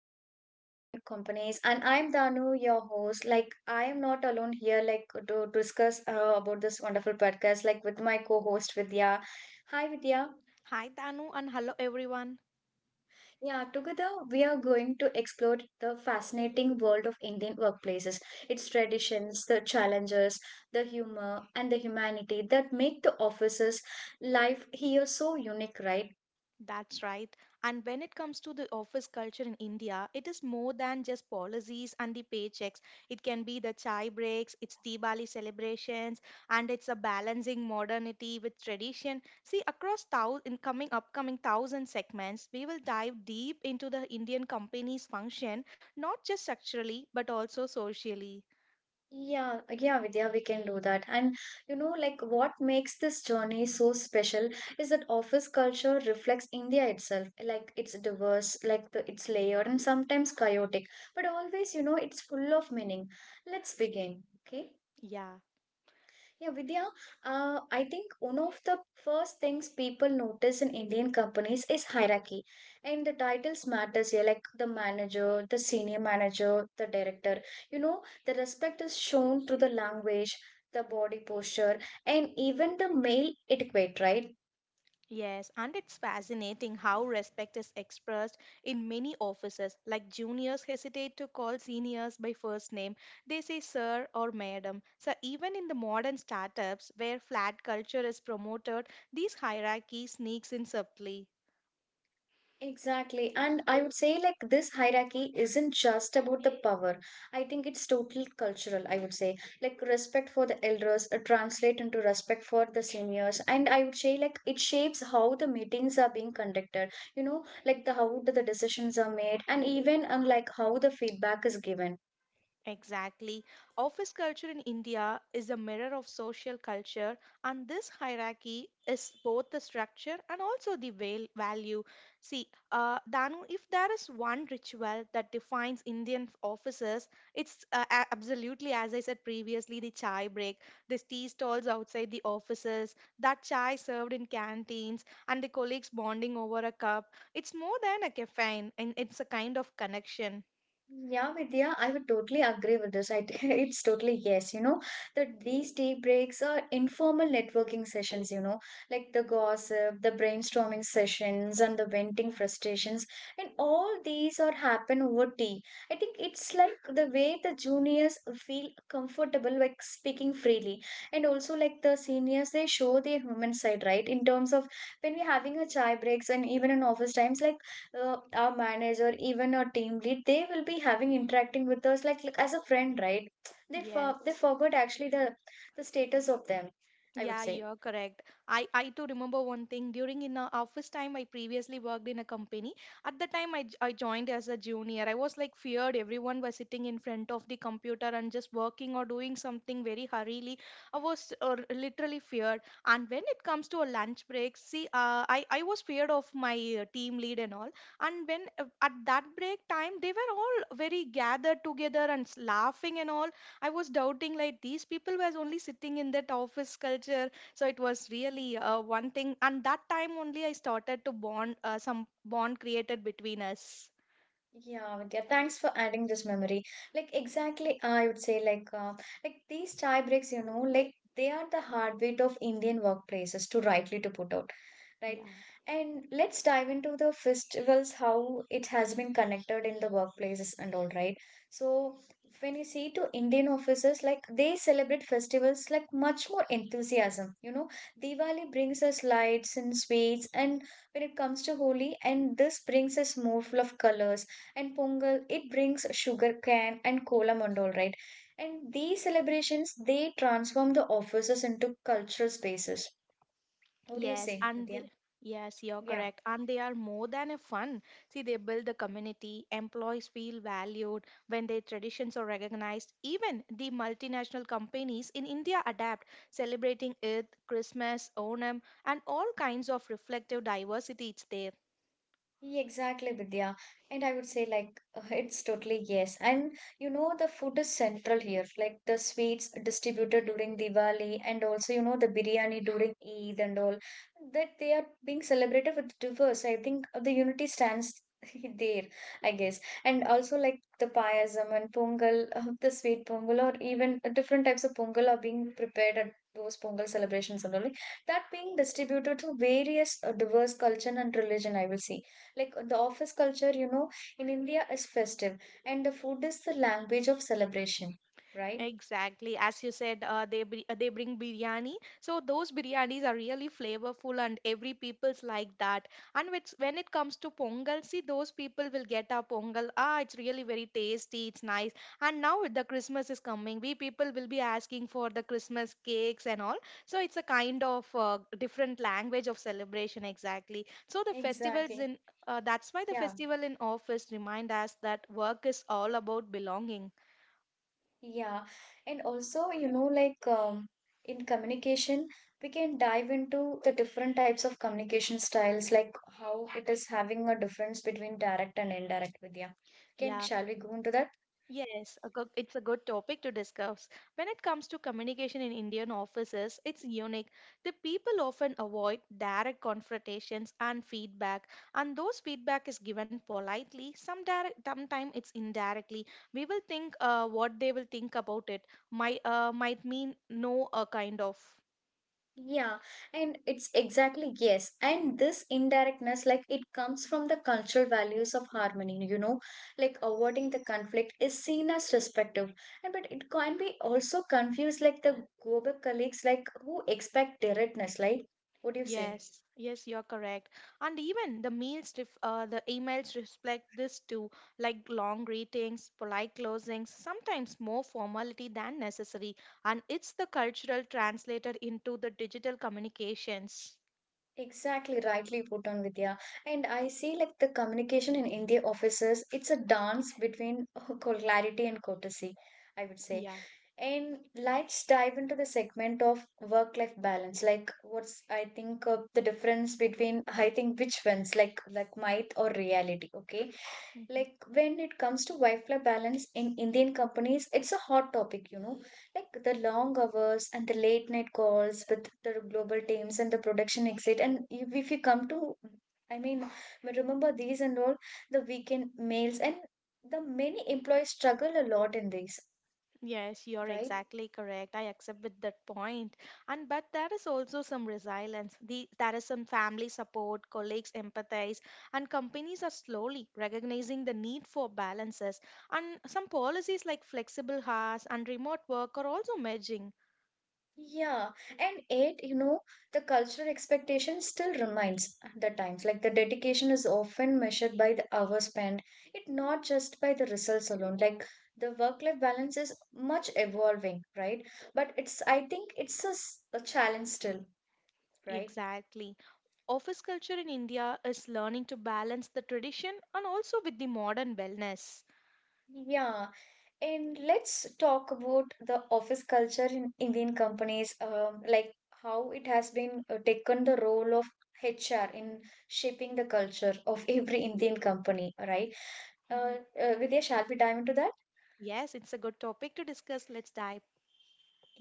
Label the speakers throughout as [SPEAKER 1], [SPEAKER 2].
[SPEAKER 1] culture in Indian companies. And I'm Danu, your host. Like, I am not alone here, like, to discuss about this wonderful podcast, like, with my co host Vidya. Hi, Vidya.
[SPEAKER 2] Hi Tanu and hello everyone.
[SPEAKER 1] Yeah, together we are going to explore the fascinating world of Indian workplaces, its traditions, the challenges, the humor, and the humanity that make the office's life here so unique, right?
[SPEAKER 2] That's right. And when it comes to the office culture in India, it is more than just policies and the paychecks. It can be the chai breaks, it's Diwali celebrations, and it's a balancing modernity with tradition. See, across thou- in coming upcoming thousand segments, we will dive deep into the Indian company's function, not just structurally but also socially.
[SPEAKER 1] Yeah, like, yeah, Vidya, we can do that. And you know, like what makes this journey so special is that office culture reflects India itself. Like it's diverse, like it's layered and sometimes chaotic, but always, you know, it's full of meaning. Let's begin, okay?
[SPEAKER 2] Yeah.
[SPEAKER 1] Yeah, Vidya, I think one of the first things people notice in Indian companies is hierarchy. And the titles matters here, like the manager, the senior manager, the director. You know, the respect is shown through the language, the body posture, and even the male etiquette, right?
[SPEAKER 2] Yes, and it's fascinating how respect is expressed in many offices. Like juniors hesitate to call seniors by first name, they say sir or madam. So, even in the modern startups where flat culture is promoted, these hierarchies sneaks in subtly.
[SPEAKER 1] Exactly. And I would say, like, this hierarchy isn't just about the power. I think it's totally cultural, I would say. Like, respect for the elders translate into respect for the seniors. And I would say, like, it shapes how the meetings are being conducted, you know, like the how the decisions are made and even like how the feedback is given.
[SPEAKER 2] Exactly. Office culture in India is a mirror of social culture, and this hierarchy is both the structure and also the value. See, Danu, if there is one ritual that defines Indian offices, it's absolutely, as I said previously, the chai break. These tea stalls outside the offices, that chai served in canteens, and the colleagues bonding over a cup. It's more than a caffeine, and it's a kind of connection.
[SPEAKER 1] Yeah, Vidya, I would totally agree with this. I, it's totally yes, you know, that these tea breaks are informal networking sessions, you know, like the gossip, the brainstorming sessions, and the venting frustrations. And all these are happen over tea. I think it's like the way the juniors feel comfortable like speaking freely. And also like the seniors, they show their human side, right? In terms of when we're having a chai breaks and even in office times, like our manager, even our team lead, they will be having interacting with us like as a friend, right? They
[SPEAKER 2] Yes.
[SPEAKER 1] forgot actually the status of them. I would
[SPEAKER 2] Yeah,
[SPEAKER 1] say,
[SPEAKER 2] you're correct. I too remember one thing. During in a office time, I previously worked in a company. At the time, I joined as a junior. I was like feared everyone was sitting in front of the computer and just working or doing something very hurriedly. I was literally feared. And when it comes to a lunch break, see, I was feared of my team lead and all. And when at that break time, they were all very gathered together and laughing and all. I was doubting like these people was only sitting in that office culture. So it was really one thing. And that time only I started to bond some bond created between us.
[SPEAKER 1] yeah, Vidya. Thanks for adding this memory. Like exactly, I would say like these tie breaks, you know, like they are the heartbeat of Indian workplaces. To rightly to put out right.
[SPEAKER 2] Yeah.
[SPEAKER 1] And let's dive into the festivals, how it has been connected in the workplaces and all, right? So when you see to Indian officers, like they celebrate festivals like much more enthusiasm. You know, Diwali brings us lights and sweets, and when it comes to Holi, and this brings us more full of colors. And Pongal, it brings sugar cane and kolam and all, right? And these celebrations, they transform the offices into cultural spaces. What do you
[SPEAKER 2] Yes,
[SPEAKER 1] say,
[SPEAKER 2] and
[SPEAKER 1] Vidya?
[SPEAKER 2] they Yes, you're correct. And they are more than a fun. See, they build the community, employees feel valued when their traditions are recognized. Even the multinational companies in India adapt, celebrating Eid, Christmas, Onam, and all kinds of reflective diversity it's there.
[SPEAKER 1] Yeah, exactly, Vidya. And I would say, like, it's totally yes. And you know, the food is central here, like the sweets distributed during Diwali, and also, you know, the biryani during Eid and all that they are being celebrated with diverse. I think the unity stands there, I guess. And also, like, the payasam and pongal, the sweet pongal, or even different types of pongal are being prepared at those pongal celebrations and all that being distributed to various diverse culture and religion, I will say like the office culture, you know, in India is festive, and the food is the language of celebration, right?
[SPEAKER 2] Exactly, as you said, they bring biryani. So those biryanis are really flavorful, and every people's like that. And which, when it comes to pongal, see those people will get our pongal. Ah, it's really very tasty. It's nice. And now with the Christmas is coming, we people will be asking for the Christmas cakes and all. So it's a kind of different language of celebration. Exactly. So the festivals
[SPEAKER 1] Exactly.
[SPEAKER 2] in That's why the
[SPEAKER 1] Yeah,
[SPEAKER 2] festival in office remind us that work is all about belonging.
[SPEAKER 1] yeah. And also, you know, like in communication we can dive into the different types of communication styles, like how it is having a difference between direct and indirect, Vidya. Can,
[SPEAKER 2] Yeah.
[SPEAKER 1] shall we go into that?
[SPEAKER 2] Yes, it's a good topic to discuss. When it comes to communication in Indian offices, it's unique. The people often avoid direct confrontations and feedback, and those feedback is given politely. Some direct, sometimes it's indirectly. We will think what they will think about it might mean no, a kind of.
[SPEAKER 1] Yeah, and it's exactly yes. And this indirectness, like it comes from the cultural values of harmony, you know, like avoiding the conflict is seen as respectful. And but it can be also confused, like the Gobek colleagues, like who expect directness, like what do you say?
[SPEAKER 2] Yes, yes, you're correct. And even the the emails reflect this too, like long greetings, polite closings, sometimes more formality than necessary. And it's the cultural translated into the digital communications.
[SPEAKER 1] Exactly, rightly put on Vidya. And I see like the communication in India offices, it's a dance between clarity and courtesy, I would say.
[SPEAKER 2] Yeah.
[SPEAKER 1] And let's dive into the segment of work-life balance. Like, what's I think the difference between I think which ones, like myth or reality. Okay,
[SPEAKER 2] Mm-hmm.
[SPEAKER 1] like when it comes to work-life balance in Indian companies, it's a hot topic. You know, like the long hours and the late night calls with the global teams and the production exit. And if you come to, I mean, remember these and all the weekend mails and the many employees struggle a lot in these,
[SPEAKER 2] Yes, you're
[SPEAKER 1] right?
[SPEAKER 2] exactly correct. I accept with that point. And but there is also some resilience. There is some family support, colleagues empathize, and companies are slowly recognizing the need for balances. And some policies like flexible hours and remote work are also merging.
[SPEAKER 1] Yeah, and it, you know, the cultural expectation still remains the times. Like the dedication is often measured by the hours spent, it not just by the results alone. Like the work-life balance is much evolving, right? But it's, I think it's a, a challenge still, right?
[SPEAKER 2] Exactly. Office culture in India is learning to balance the tradition and also with the modern wellness.
[SPEAKER 1] Yeah, and let's talk about the office culture in Indian companies, like how it has been taken the role of HR in shaping the culture of every Indian company, right?
[SPEAKER 2] Mhm.
[SPEAKER 1] Vidya, shall we dive into that?
[SPEAKER 2] Yes, it's a good topic to discuss. Let's dive.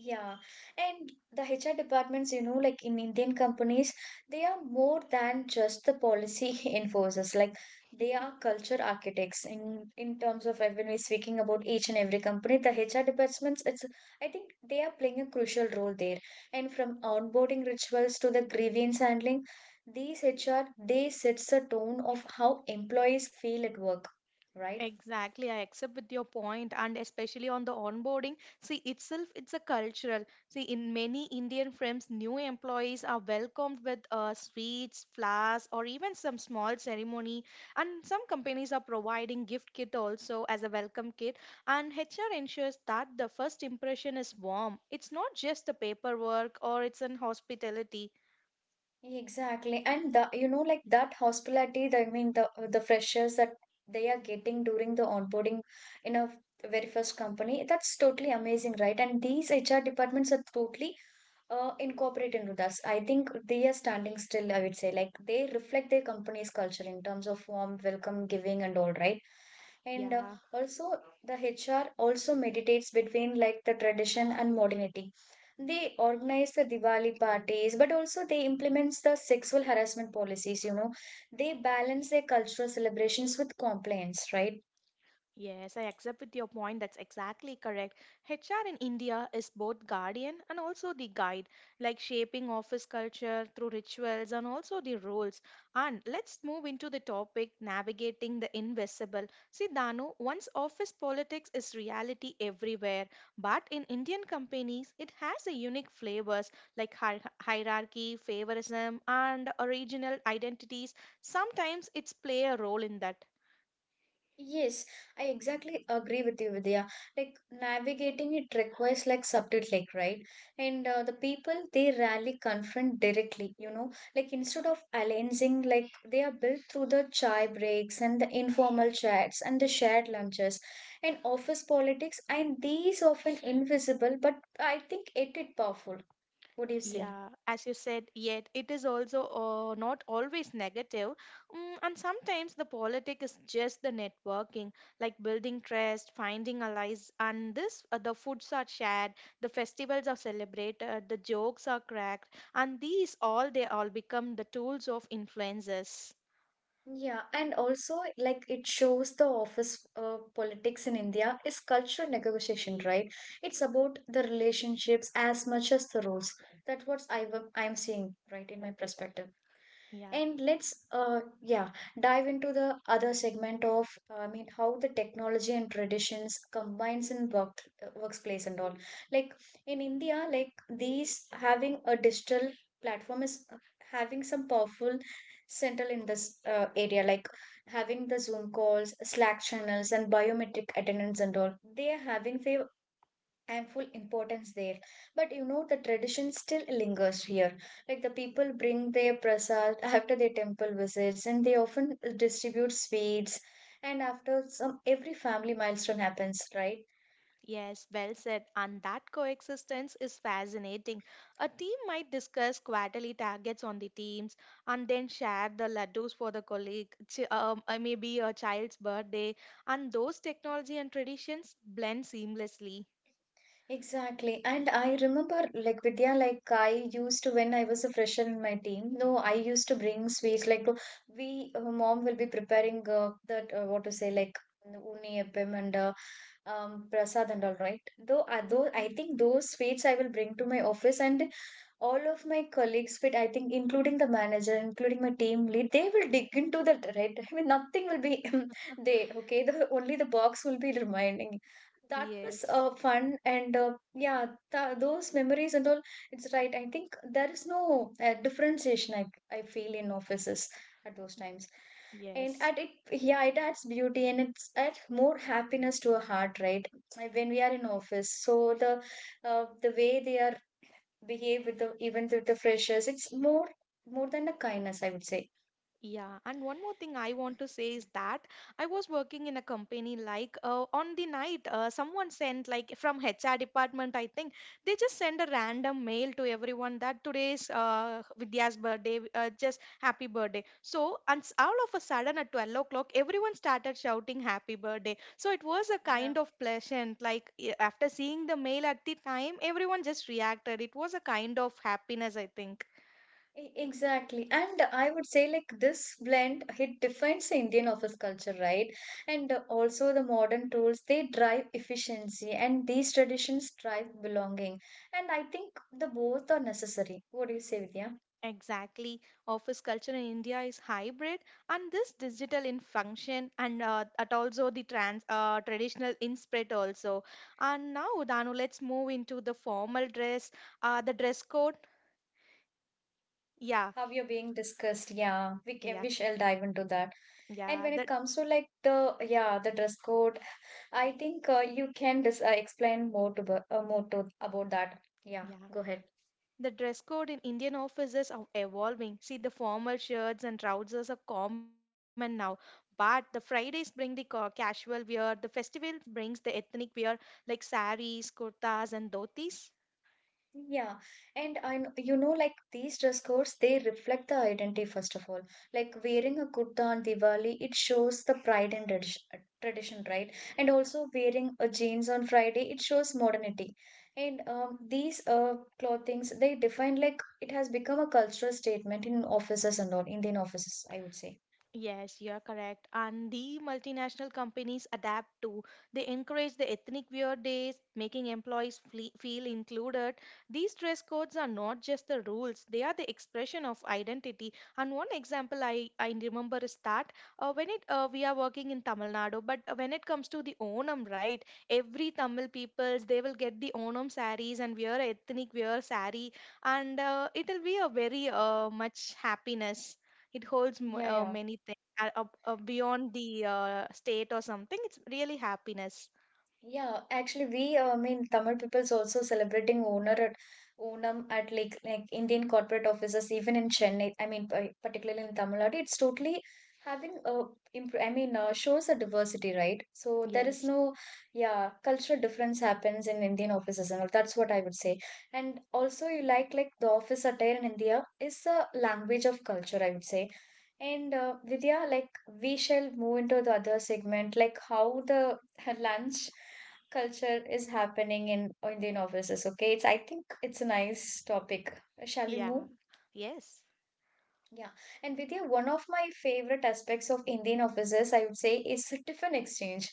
[SPEAKER 1] Yeah, and the HR departments, you know, like in Indian companies, they are more than just the policy enforcers. Like they are culture architects in terms of when we're speaking about each and every company. The HR departments, it's I think they are playing a crucial role there. And from onboarding rituals to the grievance handling, these HR they sets the tone of how employees feel at work, right?
[SPEAKER 2] Exactly, I accept with your point, and especially on the onboarding. See, itself, it's a cultural. See, in many Indian firms, new employees are welcomed with sweets, flowers, or even some small ceremony. And some companies are providing gift kit also as a welcome kit. And HR ensures that the first impression is warm. It's not just the paperwork or it's an hospitality.
[SPEAKER 1] Exactly. And the, you know, like that hospitality, the, I mean, the freshers that they are getting during the onboarding in a very first company, that's totally amazing, right? And these HR departments are totally incorporated into that. I think they are standing still, I would say. Like they reflect their company's culture in terms of warm welcome giving and all, right? And
[SPEAKER 2] Yeah.
[SPEAKER 1] also the HR also meditates between like the tradition and modernity. They organize the Diwali parties, but also they implements the sexual harassment policies, you know. They balance their cultural celebrations with compliance, right?
[SPEAKER 2] Yes, I accept with your point. That's exactly correct. HR in India is both guardian and also the guide, like shaping office culture through rituals and also the roles. And let's move into the topic navigating the invisible. See, Danu, once office politics is reality everywhere, but in Indian companies, it has a unique flavors like hierarchy, favorism, and original identities. Sometimes it's play a role in that.
[SPEAKER 1] Yes, I exactly agree with you, Vidya. Like navigating it requires like subtlety, right? And the people they rarely confront directly, you know. Like instead of alliancing, like they are built through the chai breaks and the informal chats and the shared lunches and office politics, and these often invisible, but I think it is powerful. What do you say?
[SPEAKER 2] Yeah, as you said, yet it is also not always negative. Mm, and sometimes the politic is just the networking, like building trust, finding allies. And the foods are shared, the festivals are celebrated, the jokes are cracked, and these all they all become the tools of influences.
[SPEAKER 1] Yeah, and also like it shows the office politics in India is cultural negotiation, right? It's about the relationships as much as the roles. That's what I'm seeing, right, in my perspective.
[SPEAKER 2] Yeah.
[SPEAKER 1] And let's yeah, dive into the other segment of I mean how the technology and traditions combines in workplace and all. Like in India, like these having a digital platform is having some powerful central in this area, like having the zoom calls, slack channels, and biometric attendance and all, they are having their and full importance there. But you know, the tradition still lingers here. Like the people bring their prasad after their temple visits, and they often distribute sweets. And after some, every family milestone happens, right?
[SPEAKER 2] Yes, well said. And that coexistence is fascinating. A team might discuss quarterly targets on the teams and then share the laddus for the maybe a child's birthday, and those technology and traditions blend seamlessly.
[SPEAKER 1] Exactly. And I remember, like Vidya, like I used to when I was a fresher in my team. No, I used to bring sweets. Like we, mom will be preparing that what to say, like. Unni எப்பம் and prasad and all, right? Though I
[SPEAKER 2] Mm.
[SPEAKER 1] think those sweets I will bring to my office, and all of my colleagues fit, I think, including the manager, including my team lead, they will dig into that, right? I mean nothing will be there. Okay, the only the box will be reminding. That was
[SPEAKER 2] Yes,
[SPEAKER 1] fun and yeah, those memories and all, it's right. I think there is no differentiation, I feel, in offices at those times. And
[SPEAKER 2] yes.
[SPEAKER 1] at it, yeah, it adds beauty and it's adds more happiness to a heart, right? Like, when we are in office, so the way they are behave with the even with the freshers, it's more than a kindness, I would say.
[SPEAKER 2] Yeah, and one more thing I want to say is that I was working in a company like on the night someone sent like from HR department I think they just send a random mail to everyone that today's Vidya's birthday just happy birthday. So and all of a sudden at 12 o'clock everyone started shouting happy birthday. So it was a
[SPEAKER 1] Yeah,
[SPEAKER 2] kind of pleasant like after seeing the mail at the time everyone just reacted. It was a kind of happiness I think.
[SPEAKER 1] Exactly, and I would say like this blend, it defines the Indian office culture, right? And also the modern tools they drive efficiency and these traditions drive belonging, and I think the both are necessary. What do you say, Vidya?
[SPEAKER 2] Exactly. Office culture in India is hybrid, and this digital in function, and at also the trans traditional in spread also. And now, Danu, let's move into the formal dress, the dress code. Yeah,
[SPEAKER 1] How you're being discussed, yeah,
[SPEAKER 2] yeah,
[SPEAKER 1] we shall dive into that. And
[SPEAKER 2] yeah.
[SPEAKER 1] when it
[SPEAKER 2] That
[SPEAKER 1] comes to like the, yeah, the dress code, I think you can explain more to about that. Yeah,
[SPEAKER 2] yeah.
[SPEAKER 1] go ahead.
[SPEAKER 2] The dress code in Indian offices are evolving. See, the formal shirts and trousers are common now. But the Fridays bring the casual wear, the festival brings the ethnic wear like saris, kurtas, and dhotis.
[SPEAKER 1] Yeah, and I know, you know, like these dress codes they reflect the identity first of all. Like wearing a kurta on Diwali, it shows the pride and tradition, right? And also wearing a jeans on Friday, it shows modernity. And these clothings they define, like, it has become a cultural statement in offices and all Indian offices, I would say.
[SPEAKER 2] Yes, you're correct. And the multinational companies adapt too. They encourage the ethnic wear days, making employees feel included. These dress codes are not just the rules, they are the expression of identity. And one example I remember is that when it we are working in Tamil Nadu, but when it comes to the Onam, right? Every Tamil peoples they will get the Onam sarees and wear ethnic wear saree, and it'll be a very much happiness. It holds
[SPEAKER 1] Yeah, yeah.
[SPEAKER 2] many things, beyond the state or something, it's really happiness.
[SPEAKER 1] Yeah, actually, I mean, Tamil people's also celebrating Onar at Onam at like Indian corporate offices, even in Chennai. I mean, particularly in Tamil Nadu, it's totally having a I mean, shows a diversity, right? So there is
[SPEAKER 2] Yes.
[SPEAKER 1] no, yeah, cultural difference happens in Indian offices, and all. That's what I would say. And also, you like the office attire in India is a language of culture, I would say. And Vidya, like we shall move into the other segment, like how the lunch culture is happening in Indian offices. Okay, it's I think it's a nice topic. Shall we move?
[SPEAKER 2] Yeah. Yes,
[SPEAKER 1] Yeah, and Vidya, one of my favorite aspects of Indian offices, I would say, is tiffin exchange.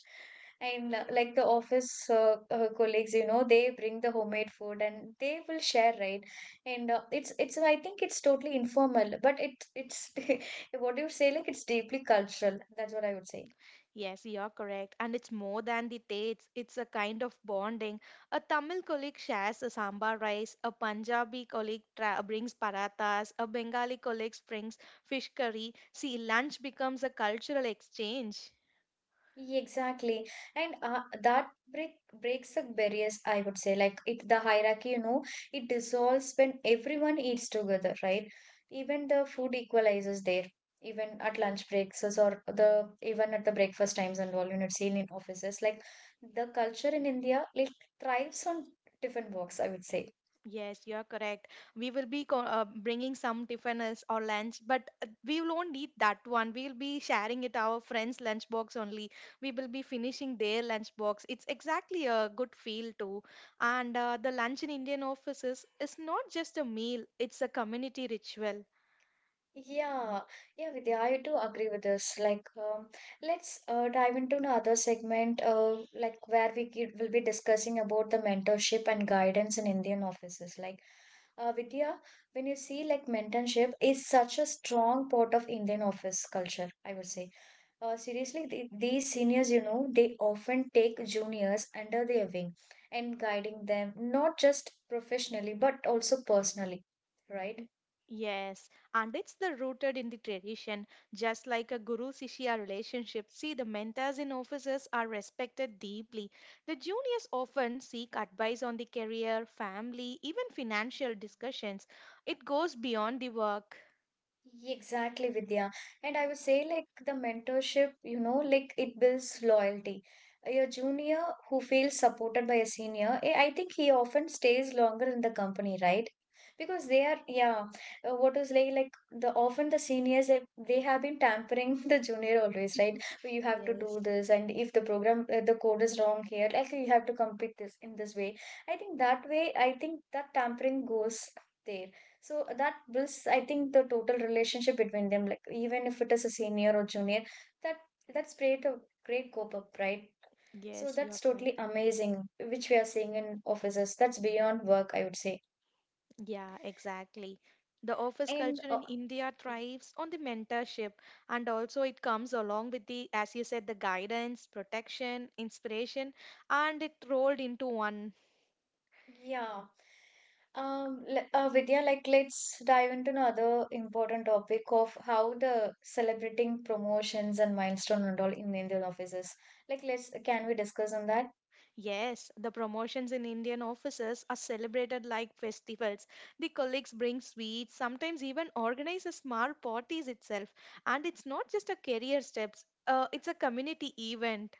[SPEAKER 1] And Like the office colleagues, you know, they bring the homemade food and they will share, right? And it's I think it's totally informal, but it's what do you say? Like, it's deeply cultural. That's what I would say.
[SPEAKER 2] yes, you're correct, and it's more than the taste, it's a kind of bonding. A Tamil colleague shares a sambar rice, a Punjabi colleague brings parathas, a Bengali colleague brings fish curry. See, lunch becomes a cultural exchange.
[SPEAKER 1] Yeah, exactly. And that breaks the barriers, I would say. Like, it the hierarchy, you know, it dissolves when everyone eats together, right? Even the food equalizes there, even at lunch breaks or the even at the breakfast times and all, you know, it's seen in offices. Like the culture in India, it thrives on different walks, I would say.
[SPEAKER 2] Yes, you are correct. We will be bringing some tiffins or lunch, but we won't eat that one. We will be sharing it our friends' lunchbox only. We will be finishing their lunchbox. It's exactly a good feel too. And the lunch in Indian offices is not just a meal; it's a community ritual.
[SPEAKER 1] Yeah, yeah, Vidya, I do agree with this. Let's dive into another segment, like where will be discussing about the mentorship and guidance in Indian offices. Vidya, when you see, like, mentorship is such a strong part of Indian office culture, I would say. Seriously, the, these seniors, you know, they often take juniors under their wing and guiding them, not just professionally, but also personally. Right.
[SPEAKER 2] Y- Yes, and it's the rooted in the tradition, just like a guru shishya relationship. See, the mentors in offices are respected deeply. The juniors often seek advice on the career, family, even financial discussions. It goes beyond the work.
[SPEAKER 1] Exactly, Vidya. And I would say, like, the mentorship, you know, like it builds loyalty. Your junior who feels supported by a senior, eh, I think he often stays longer in the company, right? Because they are, yeah, what is like the often the seniors, eh, they have been tampering the junior always, right? "Oh, you have to
[SPEAKER 2] Yes,
[SPEAKER 1] do this, and if the program, the code is wrong here, like you have to complete this in this way." I think that way, I think that tampering goes there. So that builds, I think, the total relationship between them. Like, even if it is a senior or junior, that that's great a great cope up, right? So
[SPEAKER 2] yes, you're
[SPEAKER 1] that's
[SPEAKER 2] correct.
[SPEAKER 1] totally amazing, which we are seeing in offices. That's beyond work, I would say.
[SPEAKER 2] Yeah, exactly. The office
[SPEAKER 1] And
[SPEAKER 2] culture
[SPEAKER 1] uh,
[SPEAKER 2] in India thrives on the mentorship, and also it comes along with the, as you said, the guidance, protection, inspiration, and it rolled into one.
[SPEAKER 1] yeah, Vidya, like, let's dive into another important topic of how the celebrating promotions and milestone and all in Indian offices. Like, let's, can we discuss on that?
[SPEAKER 2] Yes, the promotions in Indian offices are celebrated like festivals. The colleagues bring sweets, sometimes even organize a small parties itself, and it's not just a career steps. It's a community event.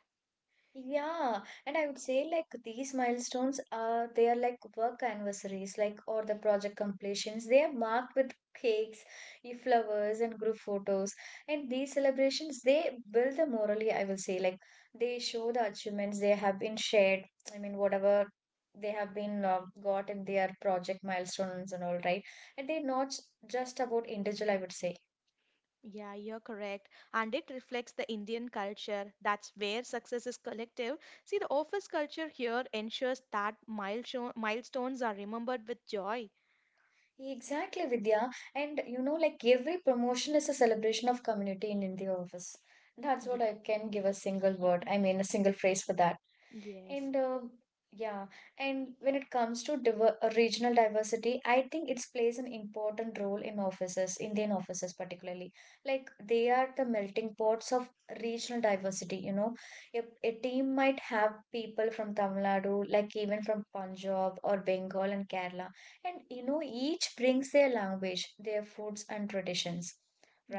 [SPEAKER 1] Yeah, and I would say, like, these milestones are, they are like work anniversaries, like, or the project completions. They are marked with cakes, flowers, and group photos. And these celebrations, they build the morally, I will say, like they show the achievements they have been shared. I mean, whatever they have been got in their project milestones and all, right? And they're not just about individual, I would say.
[SPEAKER 2] Yeah, you're correct. And it reflects the Indian culture. That's where success is collective. See, the office culture here ensures that milestones are remembered with joy.
[SPEAKER 1] Exactly, Vidya. And you know, like every promotion is a celebration of community in the office. That's
[SPEAKER 2] Yeah.
[SPEAKER 1] what I can give a single word, I mean, a single phrase for that.
[SPEAKER 2] Yes.
[SPEAKER 1] And um yeah, and when it comes to diver regional diversity, I think it plays an important role in offices, Indian offices particularly. Like, they are the melting pots of regional diversity, you know. A team might have people from Tamil Nadu, like, even from Punjab or Bengal and Kerala. And, you know, each brings their language, their foods and traditions.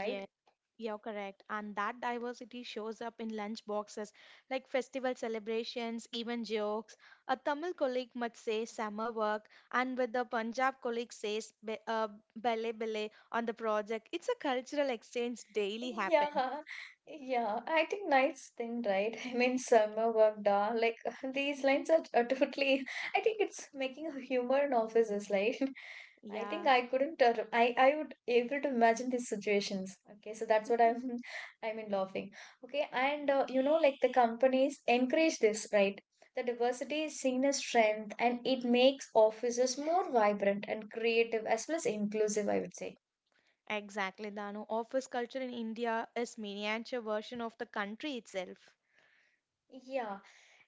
[SPEAKER 2] Yeah. You're correct. And that diversity shows up in lunch boxes like festival celebrations, even jokes. A Tamil colleague might say summer work, and with the Punjab colleague says bele bele on the project. It's a cultural exchange daily happens.
[SPEAKER 1] Yeah, yeah. I think nice thing, right? I mean, summer work, da. Like these lines are totally. I think it's making a humor in offices, like. I think
[SPEAKER 2] Yeah.
[SPEAKER 1] I couldn't. I would able to imagine these situations. Okay, so that's what I'm. I mean, laughing. Okay, and you know, like the companies encourage this, right? The diversity is seen as strength, and it makes offices more vibrant and creative as well as inclusive. I would say.
[SPEAKER 2] Exactly, Danu. Office culture in India is miniature version of the country itself.
[SPEAKER 1] Yeah,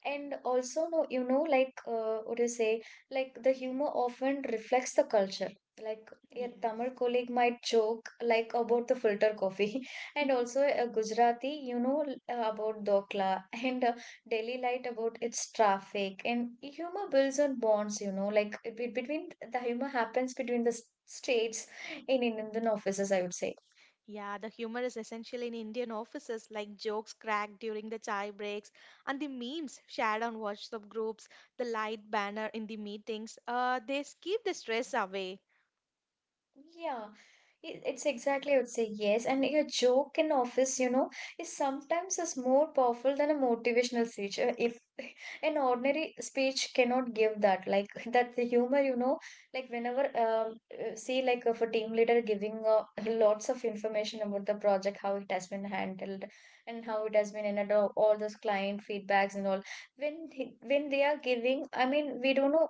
[SPEAKER 1] and also, no, you know, like, what do you say? Like, the humor often reflects the culture. Like, a
[SPEAKER 2] Yeah.
[SPEAKER 1] Tamil colleague might joke like about the filter coffee, and also a Gujarati, you know, about Dokla, and Delhi Light about its traffic. And humor builds on bonds, you know, like between the humor happens between the states in Indian offices, I would say.
[SPEAKER 2] Yeah, the humor is essential in Indian offices, like jokes cracked during the chai breaks and the memes shared on WhatsApp groups, the light banner in the meetings. They keep the stress away.
[SPEAKER 1] Yeah, it's exactly, I would say, yes. And your joke in office, you know, is sometimes is more powerful than a motivational speech. If an ordinary speech cannot give that, like, that the humor, you know, like, whenever see, like, of a team leader giving lots of information about the project, how it has been handled, and how it has been and all those client feedbacks and all. When they are giving, I mean, we don't know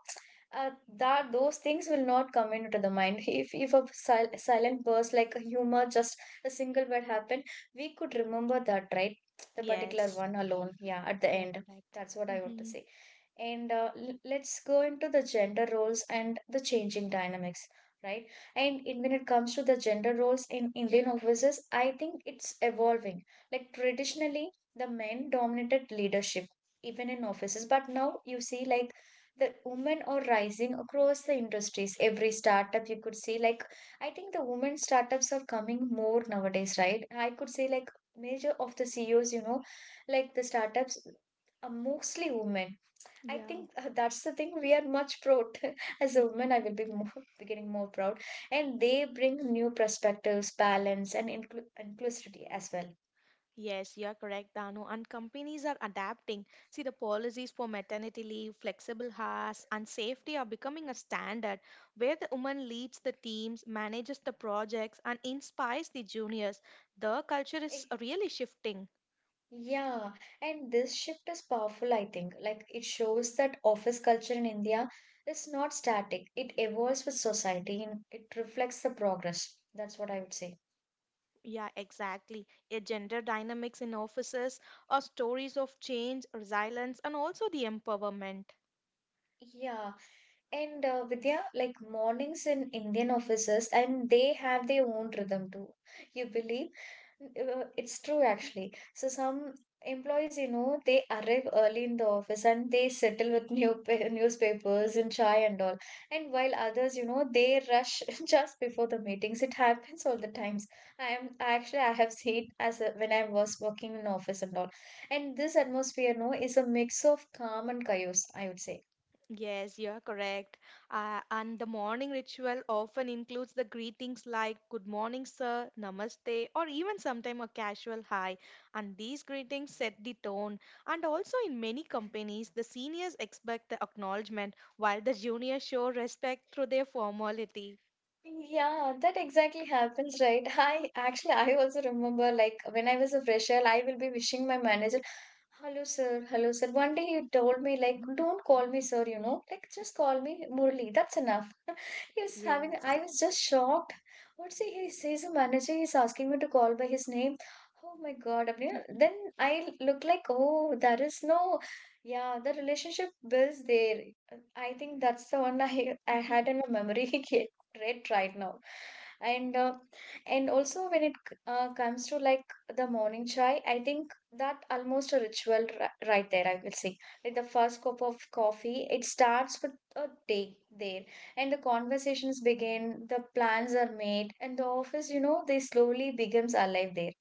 [SPEAKER 1] uh, that those things will not come into the mind, if a silent burst like a humor just a single word happened, we could remember that, right? The particular
[SPEAKER 2] Yes,
[SPEAKER 1] one alone, yeah, at the
[SPEAKER 2] you're
[SPEAKER 1] end,
[SPEAKER 2] correct.
[SPEAKER 1] that's what I want to
[SPEAKER 2] Hmm.
[SPEAKER 1] say. Let's go into the gender roles and the changing dynamics, right? And when it comes to the gender roles in Indian offices, I think it's evolving. Like, traditionally, the men dominated leadership even in offices, but now you see, like, the women are rising across the industries. Every startup, you could see, like, I think the women startups are coming more nowadays, right? I could say, like, major of the CEOs, you know, like the startups, are mostly women. I think,
[SPEAKER 2] Yeah.
[SPEAKER 1] that's the thing we are much proud as a woman. I will be more getting more proud, and they bring new perspectives, balance, and inclusivity as well.
[SPEAKER 2] Yes, you are correct, Danu. And companies are adapting. See, the policies for maternity leave, flexible hours, and safety are becoming a standard where the woman leads the teams, manages the projects, and inspires the juniors. The culture is
[SPEAKER 1] Eh,
[SPEAKER 2] really shifting.
[SPEAKER 1] Yeah, and this shift is powerful. I think, like, it shows that office culture in India is not static. It evolves with society, and it reflects the progress. That's what I would say.
[SPEAKER 2] Yeah, exactly. A gender dynamics in offices or stories of change, resilience, and also the empowerment.
[SPEAKER 1] Yeah, and Vidya, like, mornings in Indian offices, and they have their own rhythm too. You believe? It's true actually. So some employees, you know, they arrive early in the office and they settle with new newspapers and chai and all. And while others, you know, they rush just before the meetings. It happens all the times. I am actually I have seen as a, when I was working in office and all. And this atmosphere, no, is a mix of calm and chaos, I would say.
[SPEAKER 2] Yes, you are correct. And the morning ritual often includes the greetings like good morning, sir, namaste, or even sometimes a casual hi. And these greetings set the tone. And also, in many companies, the seniors expect the acknowledgement while the juniors show respect through their formality.
[SPEAKER 1] Yeah, that exactly happens, right? I also remember, like, when I was a fresher, I will be wishing my manager, "Hello, sir. Hello, sir." One day he told me, like, "Don't call me sir, you know, like, just call me Murli. That's enough." He was having,
[SPEAKER 2] Yes.
[SPEAKER 1] I was just shocked. What's he? He says a manager, he's asking me to call by his name. Oh my God. I then I look like, oh, there is no, yeah, the relationship builds there. I think that's the one I
[SPEAKER 2] Mhm.
[SPEAKER 1] had in my memory. Great right now. And uh, and also when it comes to, like, the morning chai, I think that almost a ritual right there, I will say, like, the first cup of coffee, it starts with a day there, and the conversations begin, the plans are made, and the office, you know, they slowly becomes alive there.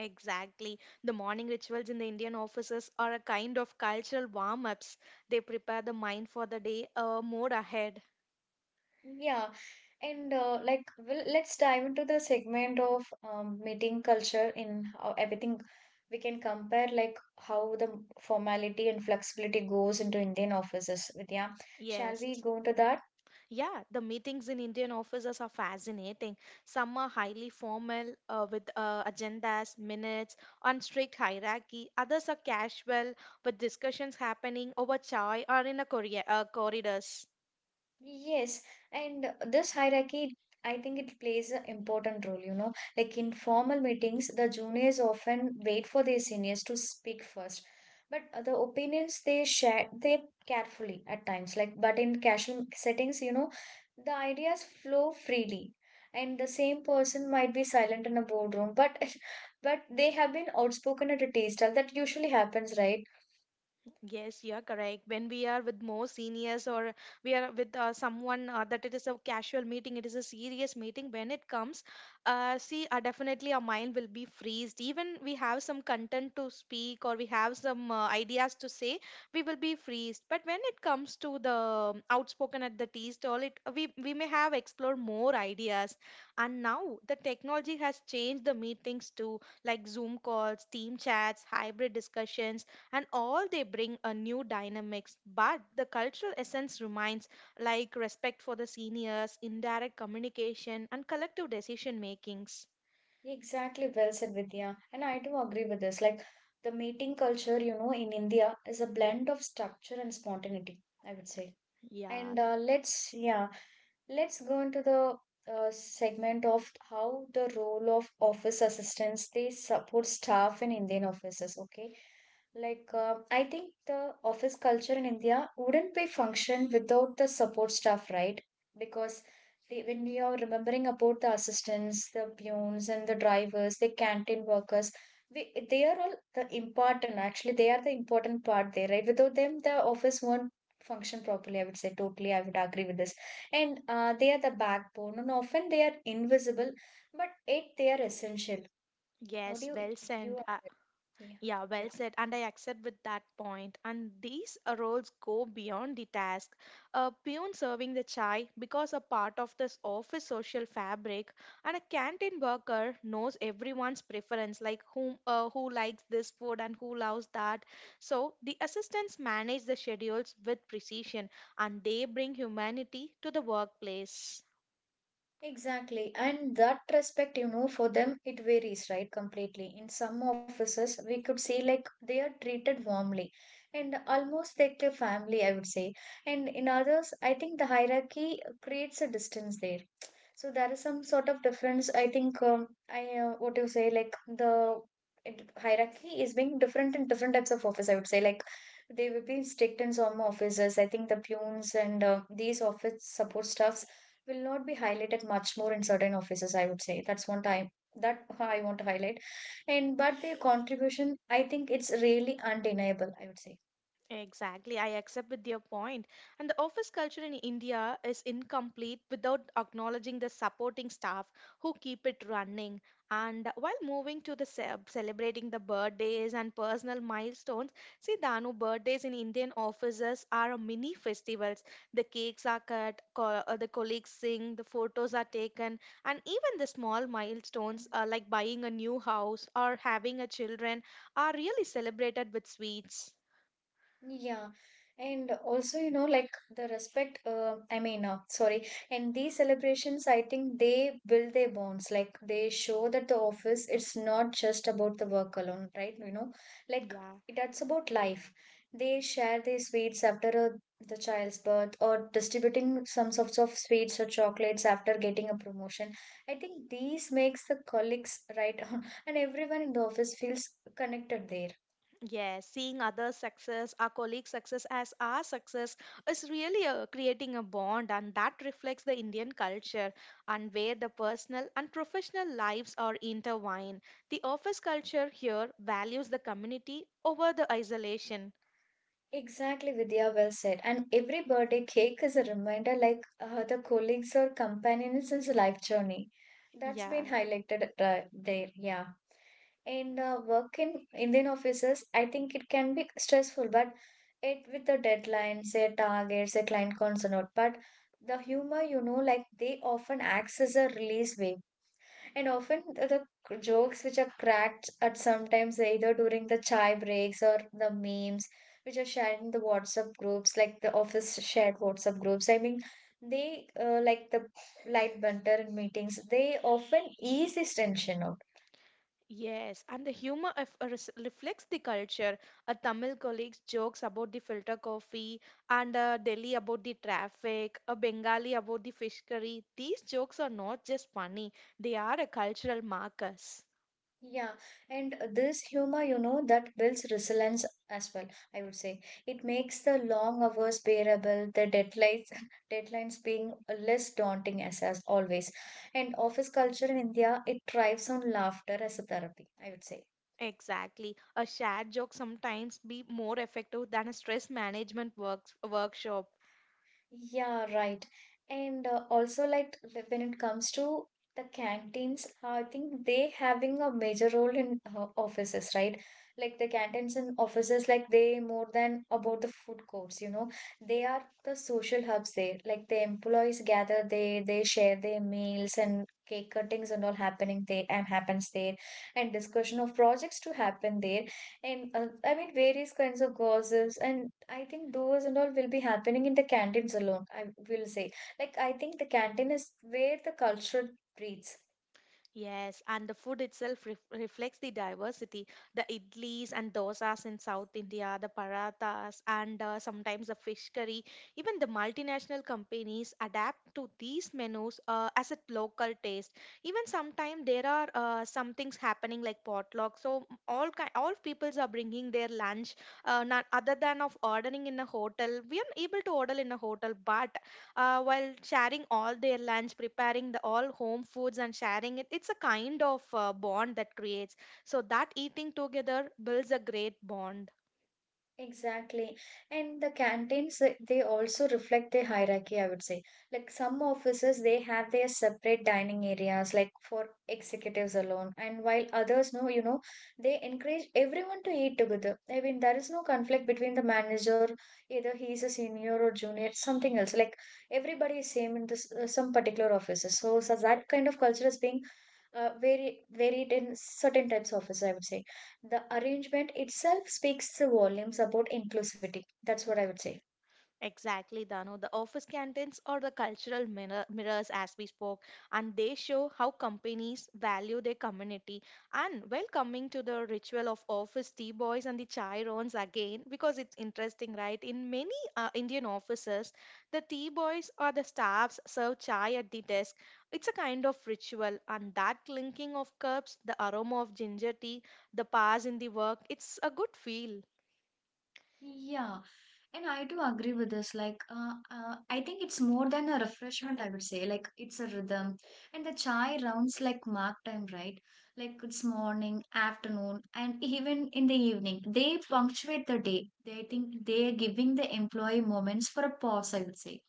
[SPEAKER 2] Exactly. The morning rituals in the Indian offices are a kind of cultural warm ups. They prepare the mind for the day more ahead.
[SPEAKER 1] Yeah, and like, well, let's dive into the segment of meeting culture in how everything we can compare, like, how the formality and flexibility goes into Indian offices, Vidya. Shall
[SPEAKER 2] Yes.
[SPEAKER 1] we go into that?
[SPEAKER 2] Yeah, the meetings in Indian offices are fascinating. Some are highly formal with agendas, minutes, and strict hierarchy. Others are casual with discussions happening over chai or in a corridors.
[SPEAKER 1] Yes, and this hierarchy, I think it plays an important role, you know. Like, in formal meetings, the juniors often wait for their seniors to speak first. But the opinions they share, they carefully at times. Like, but in casual settings, you know, the ideas flow freely. And the same person might be silent in a boardroom, but but they have been outspoken at a tea stall. That usually happens, right?
[SPEAKER 2] Yes, you are correct. When we are with more seniors or we are with someone that it is a casual meeting, it is a serious meeting. When it comes, see, definitely our mind will be freezed. Even we have some content to speak or we have some ideas to say, we will be freezed. But when it comes to the outspoken at the tea stall, it we may have explored more ideas. And now the technology has changed the meetings too, like Zoom calls, team chats, hybrid discussions and all, they bring a new dynamics, but the cultural essence remains like respect for the seniors, indirect communication, and collective decision makings.
[SPEAKER 1] Exactly, well said, Vidya. And I do agree with this. Like the meeting culture, you know, in India is a blend of structure and spontaneity, I would say.
[SPEAKER 2] Yeah.
[SPEAKER 1] And uh, let's, yeah, let's go into the segment of how the role of office assistants they support staff in Indian offices. Okay, like I think the office culture in India wouldn't be function without the support staff, right? Because they, when we are remembering about the assistants, the peons, and the drivers, the canteen workers, we they are all the important. Actually, they are the important part there, right? Without them, the office won't function properly. I would say, totally I would agree with this. And they are the backbone and often they are invisible, but it they are essential. What do
[SPEAKER 2] Yes,
[SPEAKER 1] you
[SPEAKER 2] well
[SPEAKER 1] view
[SPEAKER 2] said.
[SPEAKER 1] on that? Yeah.
[SPEAKER 2] Yeah,
[SPEAKER 1] Yeah.
[SPEAKER 2] well said. And I accept with that point. And these roles go beyond the task. A peon serving the chai because a part of this office social fabric, and a canteen worker knows everyone's preference, like who likes this food and who loves that. So the assistants manage the schedules with precision, and they bring humanity to the workplace.
[SPEAKER 1] Exactly. And that respect, you know, for them, it varies, right? Completely. In some offices, we could see like they are treated warmly and almost like a family, I would say. And in others, I think the hierarchy creates a distance there. So there is some sort of difference. I think I what you say like hierarchy is being different in different types of office. I would say like they will be strict in some offices. I think the peons and these office support staffs will not be highlighted much more in certain offices. I would say that's one time that I want to highlight, and but their contribution, I think, it's really undeniable, I would say.
[SPEAKER 2] Exactly, I accept with your point. And the office culture in India is incomplete without acknowledging the supporting staff who keep it running. And while moving to the celebrating the birthdays and personal milestones, see Danu, birthdays in Indian offices are a mini festivals. The cakes are cut, the colleagues sing, the photos are taken, and even the small milestones like buying a new house or having a children are really celebrated with sweets.
[SPEAKER 1] Yeah, and also, you know, like the respect, I mean, sorry, and these celebrations, I think they build their bonds. Like they show that the office, it's not just about the work alone, right? You know, like
[SPEAKER 2] Yeah.
[SPEAKER 1] that's about life. They share their sweets after the child's birth, or distributing some sorts of sweets or chocolates after getting a promotion. I think these makes the colleagues, right, and everyone in the office feels connected there.
[SPEAKER 2] Yes, seeing others' success, our colleagues' success as our success is really creating a bond, and that reflects the Indian culture and where the personal and professional lives are intertwined. The office culture here values the community over the isolation.
[SPEAKER 1] Exactly, Vidya, well said. And every birthday cake is a reminder like the colleagues or companions in his life journey. That's been
[SPEAKER 2] Yeah.
[SPEAKER 1] highlighted there, yeah. And Work in Indian offices, I think it can be stressful, but it with the deadlines, their targets, their client concerns, or not. But the humor, you know, like they often acts as a release way. And often the jokes which are cracked at sometimes either during the chai breaks, or the memes which are shared in the WhatsApp groups, like the office shared WhatsApp groups. I mean, they like the light banter in meetings, they often ease this tension out.
[SPEAKER 2] Yes, and the humor of, reflects the culture. A Tamil colleague's jokes about the filter coffee, and a Delhi about the traffic, a Bengali about the fish curry. These jokes are not just funny, they are a cultural markers.
[SPEAKER 1] Yeah, and this humor, you know, that builds resilience as well, I would say. It makes the long hours bearable, the deadlines deadlines being less daunting as always. And office culture in India, it thrives on laughter as a therapy, I would say.
[SPEAKER 2] Exactly. A shared joke sometimes be more effective than a stress management workshop.
[SPEAKER 1] Yeah, right. And also when it comes to the canteens, I think they having a major role in offices, right? Like the canteens in offices, like they more than about the food courts, you know, they are the social hubs there. Like the employees gather, they share their meals, and cake cuttings and all happening there and happens there, and discussion of projects to happen there. And I mean, various kinds of gossips, and I think those and all will be happening in the canteens alone, I will say. Like, I think the canteen is where the culture breeds.
[SPEAKER 2] Yes, and the food itself reflects the diversity. The idlis and dosas in South India, the parathas, and sometimes the fish curry. Even the multinational companies adapt to these menus as a local taste. Even sometimes there are some things happening like potluck. So all ki all peoples are bringing their lunch. Not other than of ordering in a hotel, we are able to order in a hotel, but while sharing all their lunch, preparing the all home foods and sharing it, it's a kind of bond that creates. So that eating together builds a great bond.
[SPEAKER 1] Exactly. And the canteens, they also reflect the hierarchy, I would say. Like some offices, they have their separate dining areas, like for executives alone. And while others know, you know, they encourage everyone to eat together. I mean, there is no conflict between the manager, either he is a senior or junior, something else. Like everybody is same in this some particular offices. So that kind of culture is being very varied in certain types of offices, I would say. The arrangement itself speaks the volumes about inclusivity. That's what I would say.
[SPEAKER 2] Exactly, Dano. The office canteens are the cultural mirrors, as we spoke, and they show how companies value their community. And well, coming to the ritual of office tea boys and the chai rounds again, because it's interesting, right? In many Indian offices, the tea boys or the staffs serve chai at the desk. It's a kind of ritual, and that clinking of cups, the aroma of ginger tea, the pass in the work, it's a good feel.
[SPEAKER 1] Yeah, and I do agree with this. Like, I think it's more than a refreshment, I would say. Like, it's a rhythm. And the chai rounds like mark time, right? Like, it's morning, afternoon, and even in the evening. They punctuate the day. They I think they're giving the employee moments for a pause, I would say.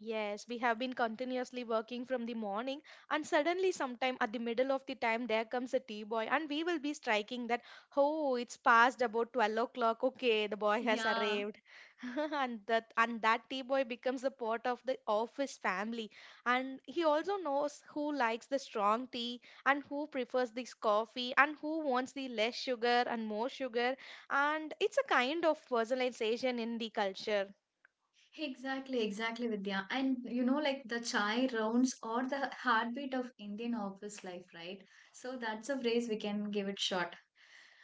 [SPEAKER 2] Yes, we have been continuously working from the morning, and suddenly, sometime at the middle of the time, there comes a tea boy, and we will be striking that, oh, it's past about 12 o'clock. Okay, the boy has
[SPEAKER 1] Yeah.
[SPEAKER 2] arrived. And that tea boy becomes a part of the office family. And he also knows who likes the strong tea and who prefers this coffee and who wants the less sugar and more sugar. And it's a kind of personalization in the culture.
[SPEAKER 1] Exactly, exactly, Vidya. And you know, like the chai rounds or the heartbeat of Indian office life, right? So that's a phrase we can give it short.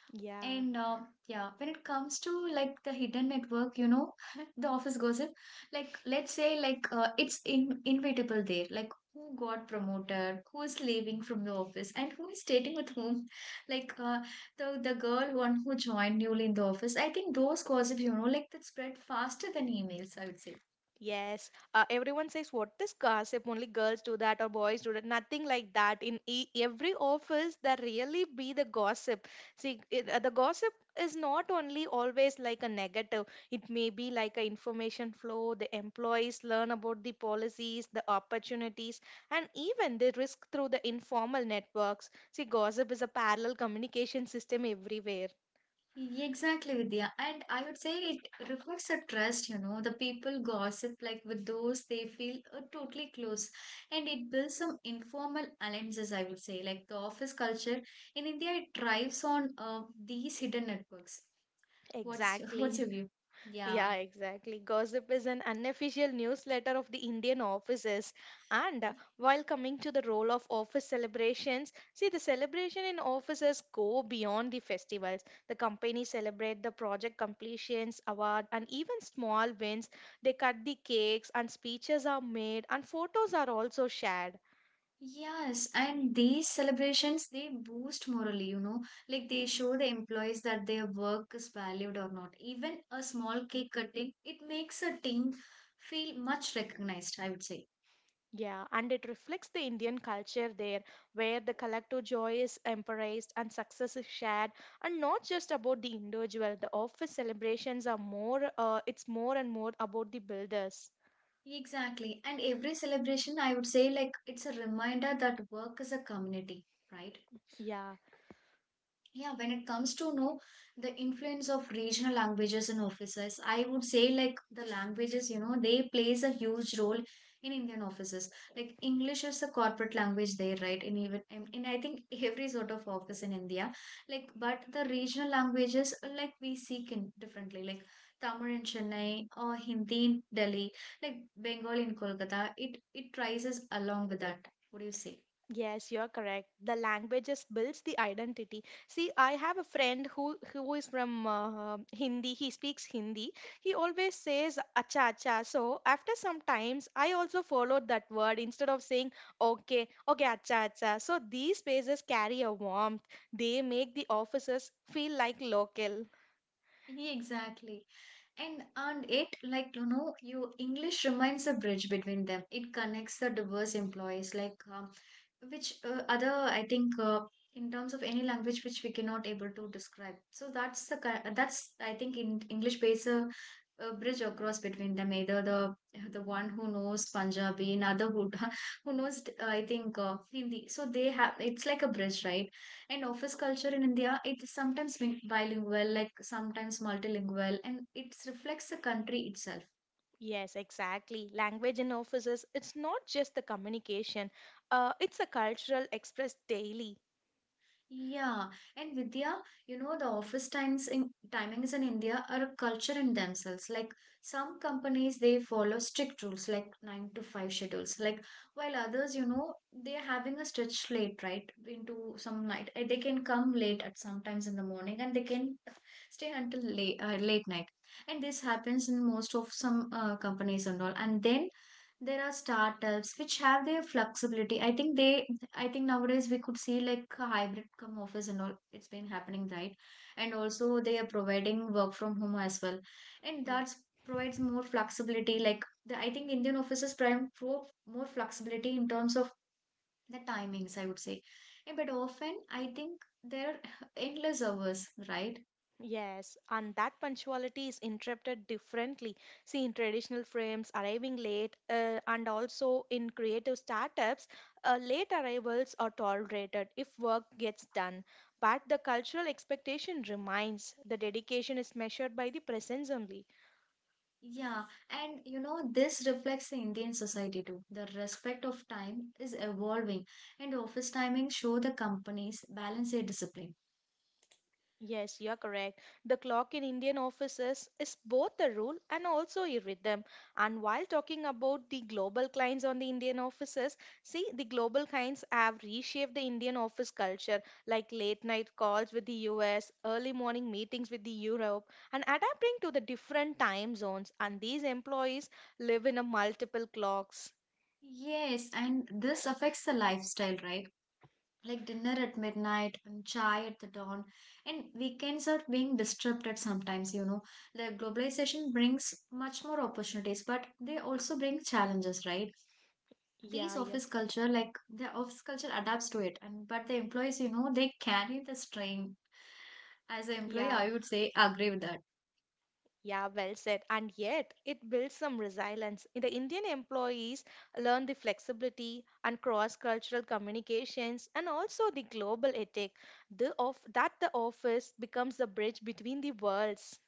[SPEAKER 2] Yeah.
[SPEAKER 1] And yeah, when it comes to like the hidden network, you know, the office gossip, like let's say like it's in inevitable there, like who got promoted, who is leaving from the office, and who is dating with whom, like the girl one who joined newly in the office. I think those gossip, you know, like that spread faster than emails, I would say.
[SPEAKER 2] Yes, everyone says, what is gossip? Only girls do that or boys do that. Nothing like that. In every office, there really be the gossip. See, the gossip is not only always like a negative, it may be like a information flow. The employees learn about the policies, the opportunities, and even the risk through the informal networks. See, gossip is a parallel communication system everywhere.
[SPEAKER 1] Yeah, exactly, Vidya. And I would say it reflects a trust, you know. The people gossip like with those they feel totally close. And it builds some informal alliances, I would say. Like the office culture in India, it thrives on these hidden networks. What's your, what's your
[SPEAKER 2] Exactly.
[SPEAKER 1] view? Yeah.
[SPEAKER 2] Yeah, exactly. Gossip is an unofficial newsletter of the Indian offices. And While coming to the role of office celebrations, see the celebration in offices go beyond the festivals. The company celebrate the project completions, award, and even small wins. They cut the cakes, and speeches are made, and photos are also shared.
[SPEAKER 1] Yes, and these celebrations they boost morally, you know, like they show the employees that their work is valued or not. Even a small cake cutting, it makes a team feel much recognized, I would say.
[SPEAKER 2] Yeah, and it reflects the Indian culture there, where the collective joy is embraced and success is shared, and not just about the individual. The office celebrations are more, it's more and more about the builders.
[SPEAKER 1] Exactly. And every celebration, I would say, like it's a reminder that work is a community, right?
[SPEAKER 2] Yeah.
[SPEAKER 1] Yeah, when it comes to know the influence of regional languages in offices, I would say like the languages, you know, they plays a huge role in Indian offices. Like English is a corporate language there, right? In even in I think every sort of office in India. Like, but the regional languages like we seek in differently, like Tamil in Chennai, or Hindi in Delhi, like Bengali in Kolkata. It rises along with that. What do you say?
[SPEAKER 2] Yes, you're correct. The language just builds the identity. See, I have a friend who is from Hindi. He speaks Hindi. He always says acha acha. So after some times, I also followed that word instead of saying okay, okay acha acha. So these spaces carry a warmth. They make the offices feel like local.
[SPEAKER 1] Yeah, exactly. And it like you know you English remains a bridge between them. It connects the diverse employees like which other I think in terms of any language which we cannot able to describe, so that's I think in English pays a bridge across between them, either the one who knows Punjabi, another who who knows I think Hindi, so they have, it's like a bridge, right? And office culture in India, it's sometimes bilingual, like sometimes multilingual, and it reflects the country itself.
[SPEAKER 2] Yes, exactly. Language in offices, it's not just the communication. It's a cultural expressed daily.
[SPEAKER 1] Yeah, and Vidya, you know, the office times in timings in India are a culture in themselves. Like some companies, they follow strict rules like 9 to 5 schedules. Like while others, you know, they're having a stretch slate, right? Into some night. They can come late at sometimes in the morning, and they can stay until late late night. And this happens in most of some companies and all. And then there are startups which have their flexibility. I think they, I think nowadays we could see like a hybrid come office and all, it's been happening, right? And also they are providing work from home as well, and that provides more flexibility. Like I think Indian offices prime for more flexibility in terms of the timings, I would say. Eh, but often I think there are endless hours, right?
[SPEAKER 2] Yes, and that punctuality is interpreted differently. See, in traditional frames, arriving late, and also in creative startups, late arrivals are tolerated if work gets done. But the cultural expectation remains. The dedication is measured by the presence only.
[SPEAKER 1] Yeah, and you know, this reflects the Indian society too. The respect of time is evolving, and office timings show the companies balance their discipline.
[SPEAKER 2] Yes, you are correct. The clock in Indian offices is both a rule and also a rhythm. And while talking about the global clients on the Indian offices, see, the global clients have reshaped the Indian office culture, like late night calls with the US, early morning meetings with the Europe, and adapting to the different time zones. And these employees live in a multiple clocks.
[SPEAKER 1] Yes, and this affects the lifestyle, right? Like dinner at midnight and chai at the dawn, and weekends are being disrupted sometimes, you know. The globalization brings much more opportunities, but they also bring challenges, right? These
[SPEAKER 2] Yeah, yeah,
[SPEAKER 1] office culture, like the office culture adapts to it, and but the employees, you know, they carry the strain as an employee,
[SPEAKER 2] yeah,
[SPEAKER 1] I would say, I agree with that.
[SPEAKER 2] Yeah, well said. And yet, it builds some resilience. In the Indian employees learn the flexibility and cross-cultural communications, and also the global ethic. The of that the office becomes the bridge between the worlds.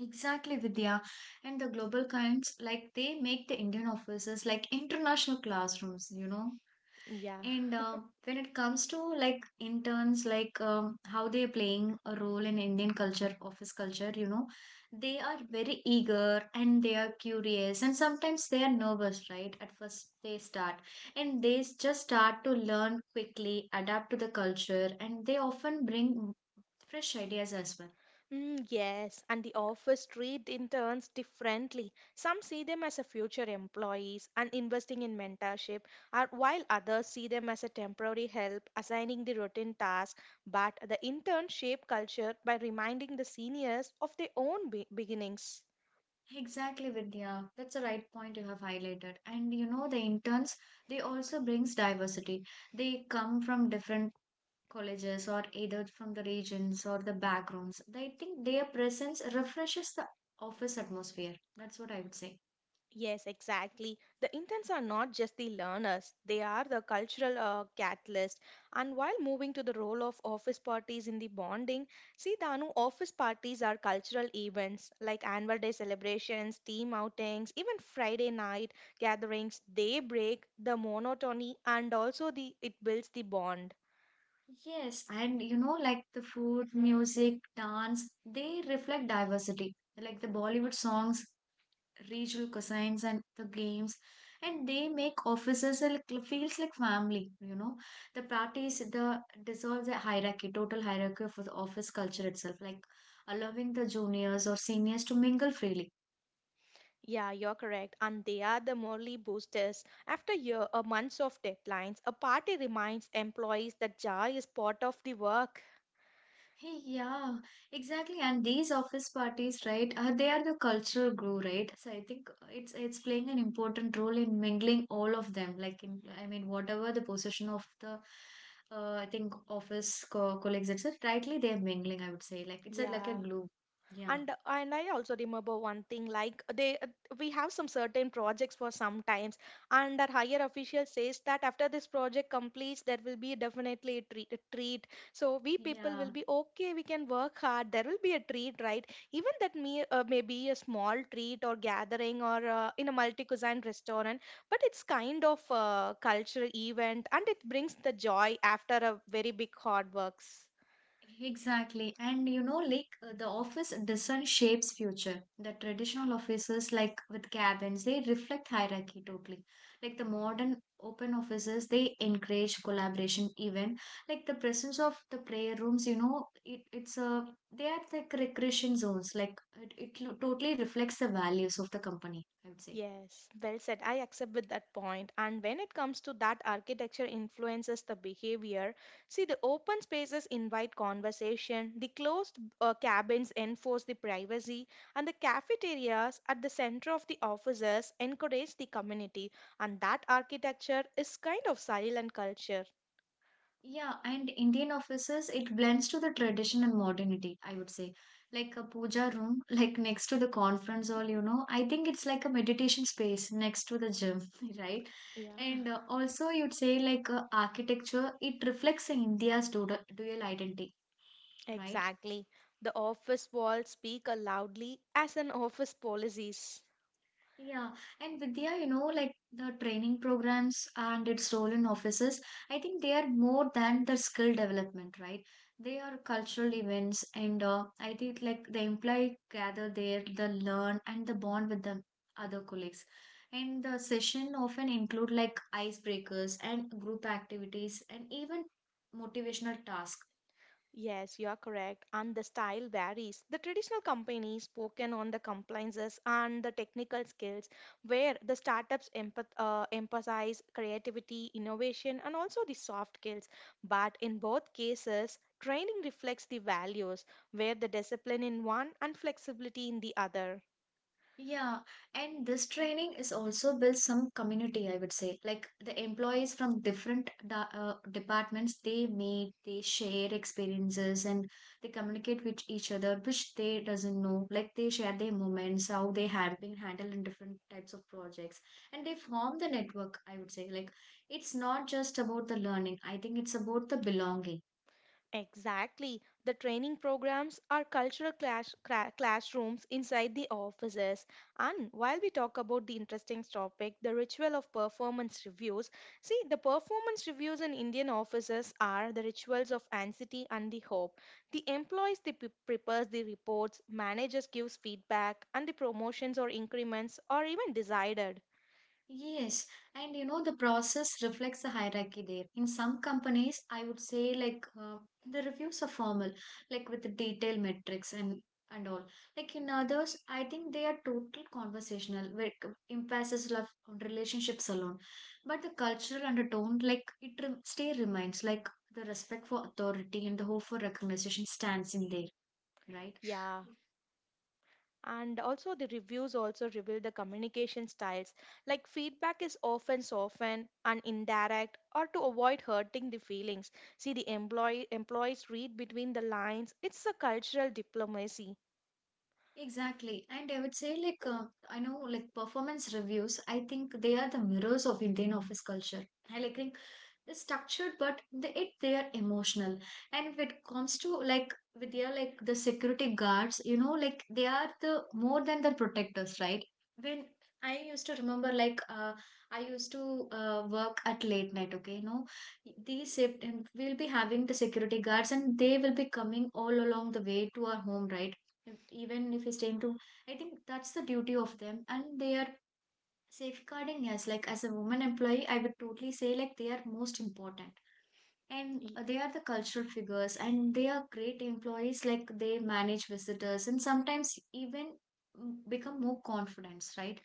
[SPEAKER 1] Exactly, Vidya. And the global kinds, like they make the Indian offices like international classrooms, you know.
[SPEAKER 2] Yeah.
[SPEAKER 1] And when it comes to like interns, like how they are playing a role in Indian culture, office culture, you know, they are very eager and they are curious and sometimes they are nervous, right? At first they start, and just start to learn quickly, adapt to the culture, and they often bring fresh ideas as well.
[SPEAKER 2] Mm, yes, and the office treat interns differently. Some see them as a future employees and investing in mentorship, or while others see them as a temporary help, assigning the routine task. But the intern shape culture by reminding the seniors of their own beginnings.
[SPEAKER 1] Exactly, Vidya. That's the right point you have highlighted. And you know, the interns, they also brings diversity. They come from different colleges, or either from the regions or the backgrounds. I think their presence refreshes the office atmosphere. That's what I would say.
[SPEAKER 2] Yes, exactly. The interns are not just the learners, they are the cultural catalyst. And while moving to the role of office parties in the bonding, see, Danu, office parties are cultural events like annual day celebrations, team outings, even Friday night gatherings. They break the monotony and also the it builds the bond.
[SPEAKER 1] Yes, and you know, like the food, music, dance, they reflect diversity. Like the Bollywood songs, regional cuisines and the games and they make offices like feels like family. The parties, the dissolves the hierarchy, total hierarchy of the office culture itself, like allowing the juniors or seniors to mingle freely.
[SPEAKER 2] Yeah, you're correct. And they are the morally boosters. After year, a months of deadlines, a party reminds employees that joy is part of the work.
[SPEAKER 1] Hey, yeah, exactly. And these office parties, right? They are the cultural glue, right? So I think it's playing an important role in mingling all of them. Like in, I mean, whatever the position of the, I think office co colleagues, etc. Rightly, they're mingling. I would say, like it's a, like a
[SPEAKER 2] Yeah,
[SPEAKER 1] glue. Yeah,
[SPEAKER 2] and I also remember one thing like they we have some certain projects for some times, and our higher official says that after this project completes, there will be definitely a treat. So we people
[SPEAKER 1] yeah.
[SPEAKER 2] will be okay. We can work hard. There will be a treat, right? Even that may maybe a small treat or gathering or in a multi cuisine restaurant, but it's kind of a cultural event and it brings the joy after a very big hard works.
[SPEAKER 1] Exactly. And you know, like the office design shapes future. The traditional offices, like with cabins, they reflect hierarchy totally. Like the modern open offices, they encourage collaboration even. Like the presence of the prayer rooms, you know, it's a, they are like recreation zones. Like it totally reflects the values of the company, I would say.
[SPEAKER 2] Yes, well said. I accept with that point. And when it comes to that architecture influences the behavior, see the open spaces invite conversation, the closed cabins enforce the privacy, and the cafeterias at the center of the offices encourage the community. And that architecture is kind of silent culture.
[SPEAKER 1] Yeah, and Indian offices, it blends to the tradition and modernity, I would say. Like a puja room, like next to the conference hall, you know, I think it's like a meditation space next to the gym, right? And
[SPEAKER 2] Yeah.
[SPEAKER 1] also, you'd say like architecture, it reflects India's dual identity, right?
[SPEAKER 2] Exactly. The office walls speak loudly as an office policies.
[SPEAKER 1] Yeah, and Vidya, you know, like the training programs and its role in offices, I think they are more than the skill development, right? They are cultural events, and I think like the employee gather there, the learn and the bond with the other colleagues. And the session often include like icebreakers and group activities and even motivational tasks.
[SPEAKER 2] Yes, you are correct. And the style varies. The traditional companies spoken on the compliances and the technical skills, where the startups emphasize creativity, innovation, and also the soft skills. But in both cases, training reflects the values, where the discipline in one and flexibility in the other.
[SPEAKER 1] Yeah, and this training is also builds some community, I would say. Like the employees from different departments, they meet, they share experiences, and they communicate with each other, which they doesn't know. Like they share their moments, how they have been handled in different types of projects, and they form the network, I would say. Like it's not just about the learning. I think it's about the belonging.
[SPEAKER 2] Exactly. The training programs are cultural classrooms inside the offices. And while we talk about the interesting topic, the ritual of performance reviews, see, the performance reviews in Indian offices are the rituals of anxiety and the hope. The employees prepares the reports, managers gives feedback, and the promotions or increments are even decided.
[SPEAKER 1] Yes, and you know the process reflects the hierarchy there. In some companies, I would say like the reviews are formal, like with the detailed metrics and all. Like in others, I think they are total conversational, where emphasis left on relationships alone. But the cultural undertone, like it still remains, like the respect for authority and the hope for recognition stands in there, right?
[SPEAKER 2] Yeah. And also the reviews also reveal the communication styles, like feedback is often softened and indirect or to avoid hurting the feelings. See the employees read between the lines. It's a cultural diplomacy.
[SPEAKER 1] Exactly. And I would say, like, I know, like, performance reviews, I think they are the mirrors of Indian office culture. I think they're structured but they are emotional. And if it comes to like with their like the security guards, you know, like they are the more than the protectors, right? When I used to remember like I used to work at late night, okay, you know, these shift and we'll be having the security guards and they will be coming all along the way to our home, right? If- even if it's time to, I think that's the duty of them and they are safeguarding, yes, like as a woman employee, I would totally say like they are most important. And they are the cultural figures and they are great employees, like they manage visitors and sometimes even become more confident, right?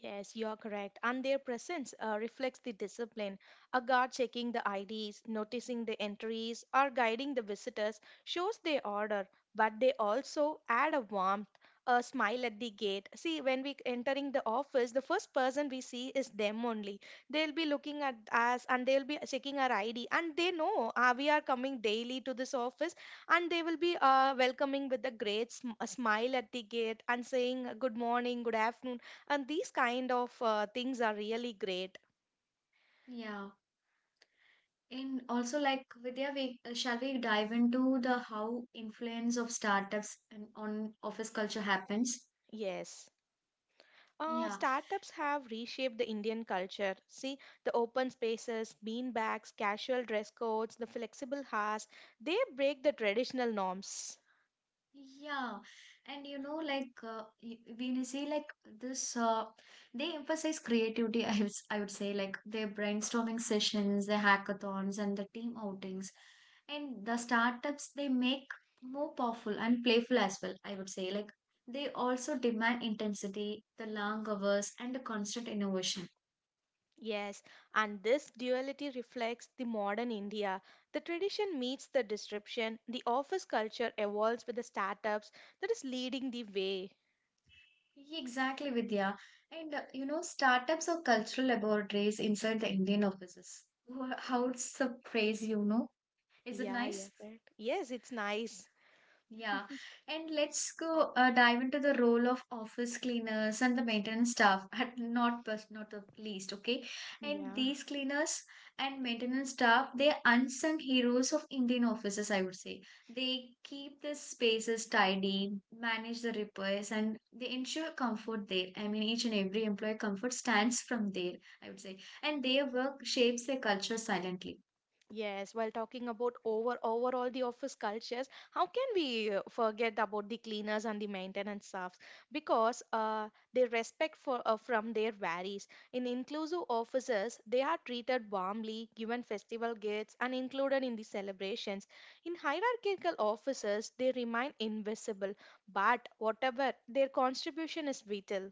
[SPEAKER 2] Yes, you are correct. And their presence reflects the discipline. A guard checking the IDs, noticing the entries, or guiding the visitors shows their order, but they also add a warmth, a smile at the gate. See, when we entering the office, the first person we see is them only. They'll be looking at us and they'll be checking our ID, and they know we are coming daily to this office, and they will be welcoming with a great a smile at the gate and saying good morning, good afternoon, and these kind of things are really great.
[SPEAKER 1] Yeah, and also like Vidya, we shall we dive into the how influence of startups and on office culture happens?
[SPEAKER 2] Yes.
[SPEAKER 1] Yeah.
[SPEAKER 2] Startups have reshaped the Indian culture. See, the open spaces, bean bags, casual dress codes, the flexible hours, they break the traditional norms.
[SPEAKER 1] Yeah, and you know, like when you say like this, they emphasize creativity. I would say like their brainstorming sessions, the hackathons, and the team outings, and the startups they make more powerful and playful as well. I would say like they also demand intensity, the long hours, and the constant innovation.
[SPEAKER 2] Yes, and this duality reflects the modern India. The tradition meets the disruption, the office culture evolves with the startups that is leading the way.
[SPEAKER 1] Yeah, exactly, Vidya. And you know, startups are cultural laboratories inside the Indian offices. How it's a phrase, you know. Is it
[SPEAKER 2] Yeah, you're
[SPEAKER 1] nice?
[SPEAKER 2] right. Yes, it's nice.
[SPEAKER 1] Yeah. And let's go dive into the role of office cleaners and the maintenance staff, at not first, not the least, okay? And
[SPEAKER 2] Yeah.
[SPEAKER 1] these cleaners and maintenance staff, they are unsung heroes of Indian offices, I would say. They keep the spaces tidy, manage the repairs, and they ensure comfort there. I mean, each and every employee comfort stands from there, I would say. And their work shapes their culture silently.
[SPEAKER 2] Yes, while talking about overall the office cultures, how can we forget about the cleaners and the maintenance staffs? Because their respect for from there varies. In inclusive offices, they are treated warmly, given festival gifts, and included in the celebrations. In hierarchical offices, they remain invisible, but whatever their contribution is vital.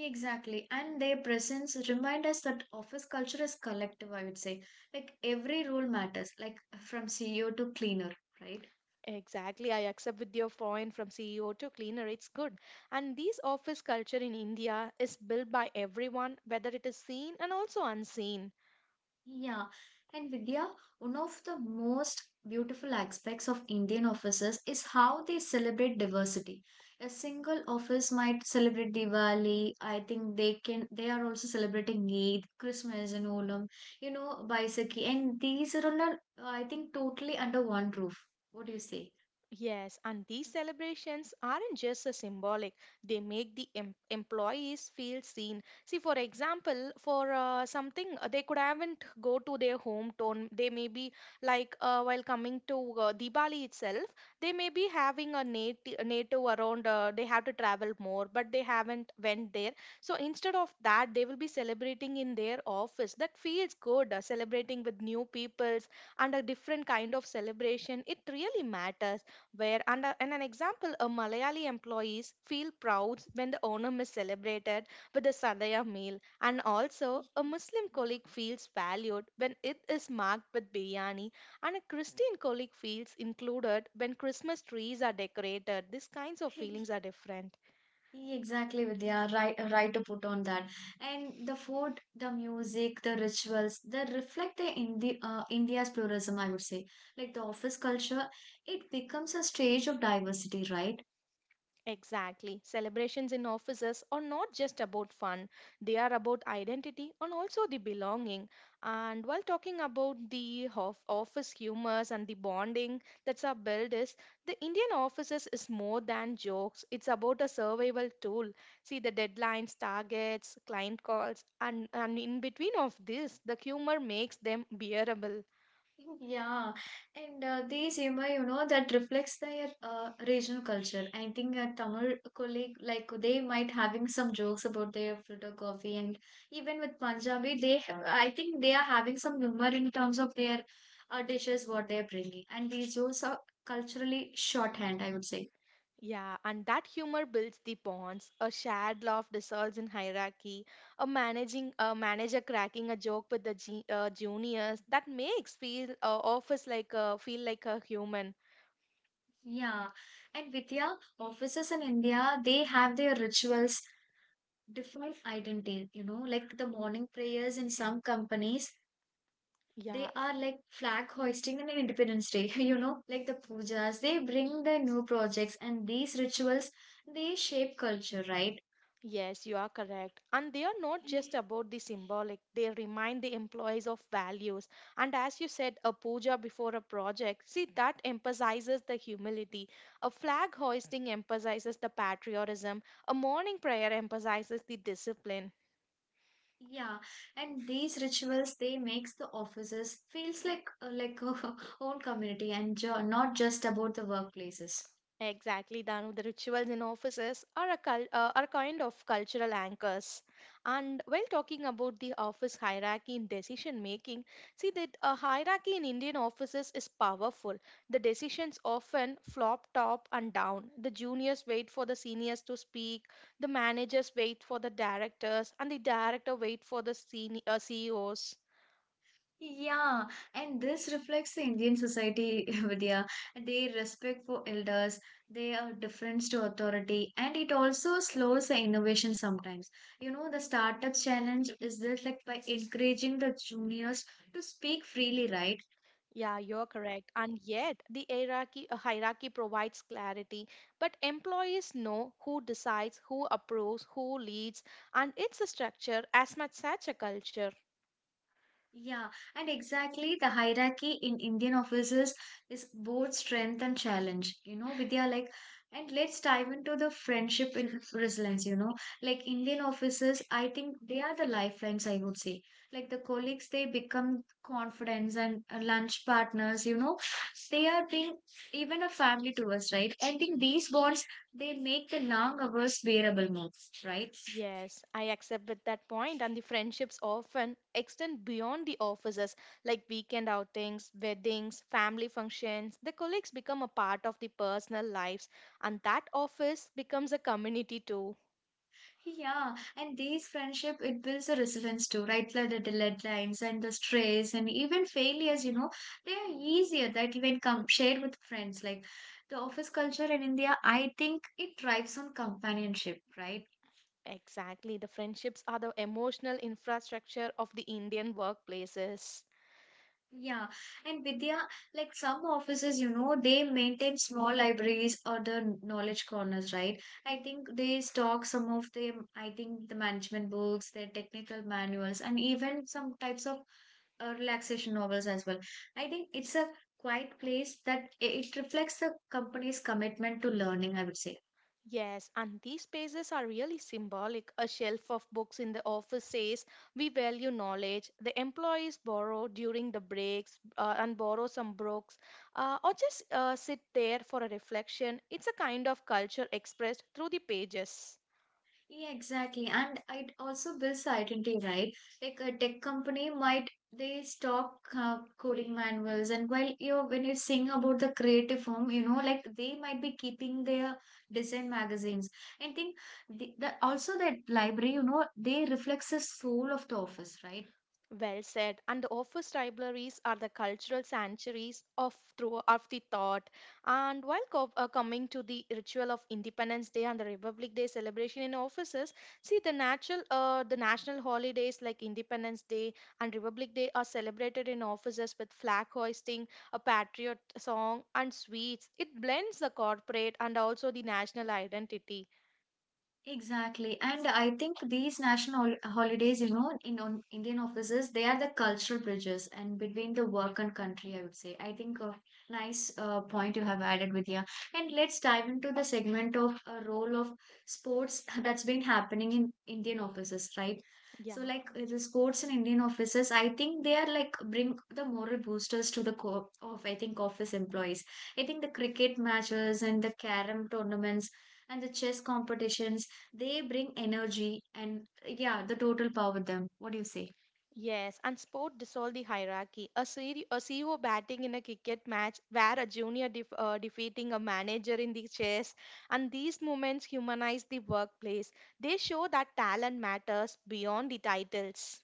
[SPEAKER 1] Exactly. And their presence remind us that office culture is collective, I would say. Like every role matters, like from CEO to cleaner, right?
[SPEAKER 2] Exactly, I accept with your point, from CEO to cleaner, it's good. And this office culture in India is built by everyone, whether it is seen and also unseen.
[SPEAKER 1] Yeah. And Vidya, one of the most beautiful aspects of Indian offices is how they celebrate diversity. A single office might celebrate Diwali. I think they can they are also celebrating Eid, Christmas and Olam, you know, Baisakhi. And these are on a, I think totally under one roof. What do you say?
[SPEAKER 2] Yes, and these celebrations aren't just a symbolic, they make the employees feel seen. See, for example, for something they could haven't go to their hometown, they may be like while coming to Diwali itself, they may be having a native around, they have to travel more, but they haven't went there. So instead of that, they will be celebrating in their office. That feels good, celebrating with new peoples and a different kind of celebration. It really matters where under in an example a Malayali employees feel proud when the Onam is celebrated with a Sadaya meal, and also a Muslim colleague feels valued when it is marked with biryani, and a Christian colleague feels included when Christmas trees are decorated. These kinds of feelings are different.
[SPEAKER 1] Exactly, Vidya. Right, right to put on that. And the food, the music, the rituals, they reflect the India's pluralism, I would say. Like the office culture, it becomes a stage of diversity, right?
[SPEAKER 2] Exactly. Celebrations in offices are not just about fun, they are about identity and also the belonging. And while talking about the of office humors and the bonding that's our build is, the Indian offices is more than jokes. It's about a survival tool. See the deadlines, targets, client calls, and, in between of this, the humor makes them bearable.
[SPEAKER 1] Yeah, and these Yema, you know, that reflects their regional culture. I think a Tamil colleague, like they might having some jokes about their filter coffee, and even with Punjabi, they have, I think they are having some humor in terms of their dishes, what they're bringing. And these jokes are culturally shorthand, I would say.
[SPEAKER 2] Yeah, and that humor builds the bonds. A shared laugh dissolves in hierarchy. A manager cracking a joke with the juniors that makes feel office like a, feel like a human.
[SPEAKER 1] Yeah, and Vidya, offices in India, they have their rituals, different identity, you know, like the morning prayers in some companies, they
[SPEAKER 2] Yeah,
[SPEAKER 1] are like flag hoisting and independence day. You know, like the pujas they bring the new projects and these rituals, they shape culture, right?
[SPEAKER 2] yes, you are correct. And they are not just about the symbolic. They remind the employees of values. And as you said, a puja before a project. See, that emphasizes the humility. A flag hoisting emphasizes the patriotism. A morning prayer emphasizes the discipline.
[SPEAKER 1] Yeah, and these rituals they makes the offices feels like a own community and not just about the workplaces.
[SPEAKER 2] Exactly, Danu. The rituals in offices are are kind of cultural anchors. And while talking about the office hierarchy in decision making, see that a hierarchy in Indian offices is powerful. The decisions often flop top and down. The juniors wait for the seniors to speak, the managers wait for the directors, and the director wait for the senior, CEOs.
[SPEAKER 1] Yeah, and this reflects the Indian society, Vidya. Their respect for elders, their deference to authority, and it also slows the innovation sometimes. You know, the startup challenge is this like by encouraging the juniors to speak freely, right?
[SPEAKER 2] Yeah, you're correct. And yet, the hierarchy provides clarity. But employees know who decides, who approves, who leads, and it's a structure as much such a culture.
[SPEAKER 1] Yeah, and exactly the hierarchy in Indian offices is both strength and challenge. You know, Vidya, like, and let's dive into the friendship in resilience. You know, like Indian offices, I think they are the lifelines, I would say. Like the colleagues, they become confidence and lunch partners, you know, they are being even a family to us, right? I think these bonds, they make the long hours bearable more, right?
[SPEAKER 2] Yes, I accept with that point, and the friendships often extend beyond the offices, like weekend outings, weddings, family functions. The colleagues become a part of the personal lives, and that office becomes a community too.
[SPEAKER 1] Yeah, and these friendship it builds a resilience too, right? Like the deadlines and the stress and even failures, you know, they are easier that even come shared with friends. Like the office culture in India, I think it thrives on companionship, right?
[SPEAKER 2] Exactly. The friendships are the emotional infrastructure of the Indian workplaces.
[SPEAKER 1] Yeah, and Vidya, like some offices, you know, they maintain small libraries or the knowledge corners, right? I think they stock some of the, I think the management books, their technical manuals, and even some types of relaxation novels as well. I think it's a quiet place that it reflects the company's commitment to learning, I would say.
[SPEAKER 2] Yes, and these spaces are really symbolic. A shelf of books in the office says, we value knowledge. The employees borrow during the breaks and borrow some books or just sit there for a reflection. It's a kind of culture expressed through the pages.
[SPEAKER 1] Yeah, exactly. And it also builds identity, right? Like a tech company might they stock coding manuals and while you when you sing about the creative form, you know, like they might be keeping their design magazines. I think the also that library, you know, they reflects the soul of the office, right?
[SPEAKER 2] Well said. And the office libraries are the cultural sanctuaries of through of the thought. And while coming to the ritual of Independence Day and the Republic Day celebration in offices, see the natural the national holidays like Independence Day and Republic Day are celebrated in offices with flag hoisting, a patriot song, and sweets. It blends the corporate and also the national identity.
[SPEAKER 1] Exactly. And I think these national holidays, you know, in on Indian offices, they are the cultural bridges and between the work and country, I would say. I think a nice point you have added, Vidya. And let's dive into the segment of a role of sports that's been happening in Indian offices, right?
[SPEAKER 2] Yeah.
[SPEAKER 1] So, like the sports in Indian offices, I think they are like bring the moral boosters to the co of, I think, office employees. I think the cricket matches and the carom tournaments and the chess competitions, they bring energy and yeah, the total power with them. What do you say?
[SPEAKER 2] Yes, and sport dissolved the hierarchy. A CEO batting in a cricket match, where a junior defeating a manager in the chess, and these moments humanize the workplace. They show that talent matters beyond the titles.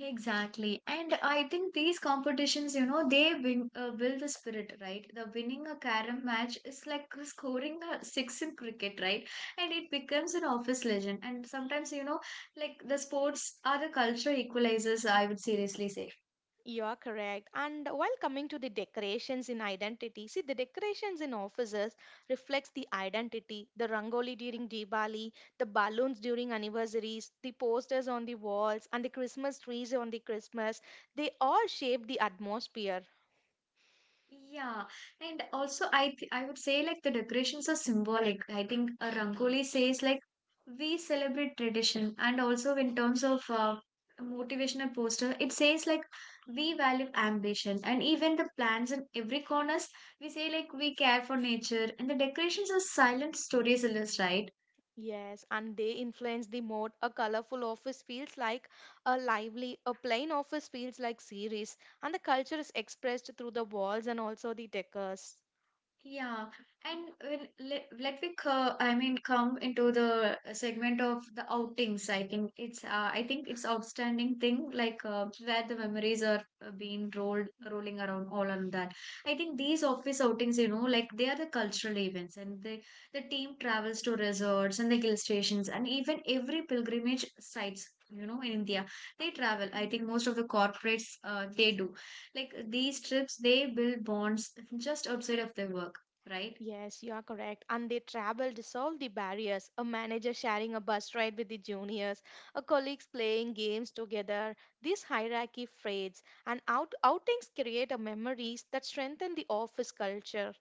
[SPEAKER 1] Exactly. And I think these competitions, you know, they build the spirit, right? The winning a carom match is like scoring a six in cricket, right? And it becomes an office legend. And sometimes, you know, like the sports are the culture equalizers, I would seriously say.
[SPEAKER 2] You are correct. And while coming to the decorations in identity, see the decorations in offices reflects the identity, the rangoli during Diwali, the balloons during anniversaries, the posters on the walls, and the Christmas trees on the Christmas. They all shape the atmosphere.
[SPEAKER 1] Yeah, and also I would say like the decorations are symbolic. I think a rangoli says like we celebrate tradition, and also in terms of motivational poster, it says like we value ambition, and even the plants in every corners we say like we care for nature, and the decorations are silent stories, right?
[SPEAKER 2] Yes, and they influence the mood. A colorful office feels like a lively, a plain office feels like serious, and the culture is expressed through the walls and also the decors.
[SPEAKER 1] Yeah, and let me I mean come into the segment of the outings. I think it's outstanding thing like where the memories are being rolled rolling around all on that. I think these office outings, you know, like they are the cultural events, and the team travels to resorts and the hill stations, and even every pilgrimage sites. You know, in India, they travel. I think most of the corporates they do like these trips, they build bonds just outside of their work, right?
[SPEAKER 2] Yes, you are correct. And they travel dissolve the barriers. A manager sharing a bus ride with the juniors, a colleagues playing games together. This hierarchy fades, and outings create a memories that strengthen the office culture.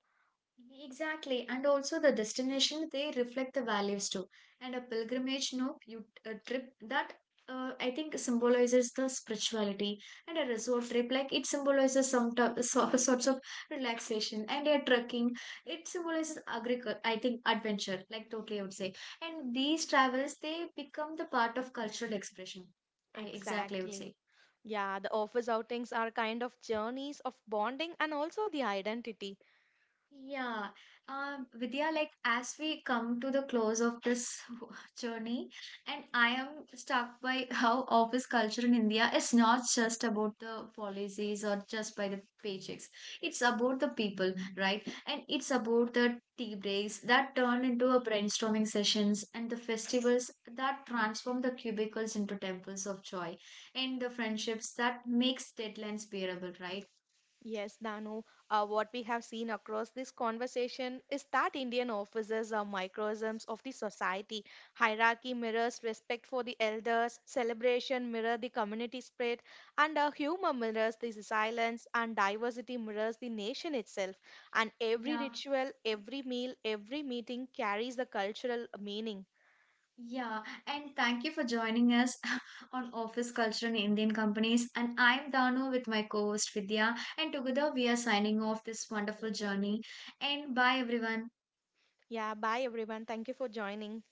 [SPEAKER 1] Exactly. And also the destination, they reflect the values too. And a pilgrimage, no, you a trip that I think symbolizes the spirituality, and a resort trip, like it symbolizes some so, sorts of relaxation. And a trekking, it symbolizes agriculture. I think adventure, like totally, I would say. And these travels, they become the part of cultural expression. I exactly I would
[SPEAKER 2] Exactly.
[SPEAKER 1] say.
[SPEAKER 2] Yeah, the office outings are kind of journeys of bonding and also the identity.
[SPEAKER 1] Yeah, Vidya, like as we come to the close of this journey, and I am struck by how office culture in India is not just about the policies or just by the paychecks. It's about the people, right? And it's about the tea breaks that turn into a brainstorming sessions and the festivals that transform the cubicles into temples of joy and the friendships that makes deadlines bearable, right?
[SPEAKER 2] Yes, Danu, what we have seen across this conversation is that Indian offices are microcosms of the society. Hierarchy mirrors respect for the elders, celebration mirror the community spirit, and humor mirrors the silence, and diversity mirrors the nation itself. And every
[SPEAKER 1] Yeah.
[SPEAKER 2] ritual, every meal, every meeting carries a cultural meaning.
[SPEAKER 1] Yeah, and thank you for joining us on Office Culture in Indian Companies. And I'm Danu with my co host Vidya, and together we are signing off this wonderful journey. And bye, everyone.
[SPEAKER 2] Yeah, bye everyone. Thank you for joining.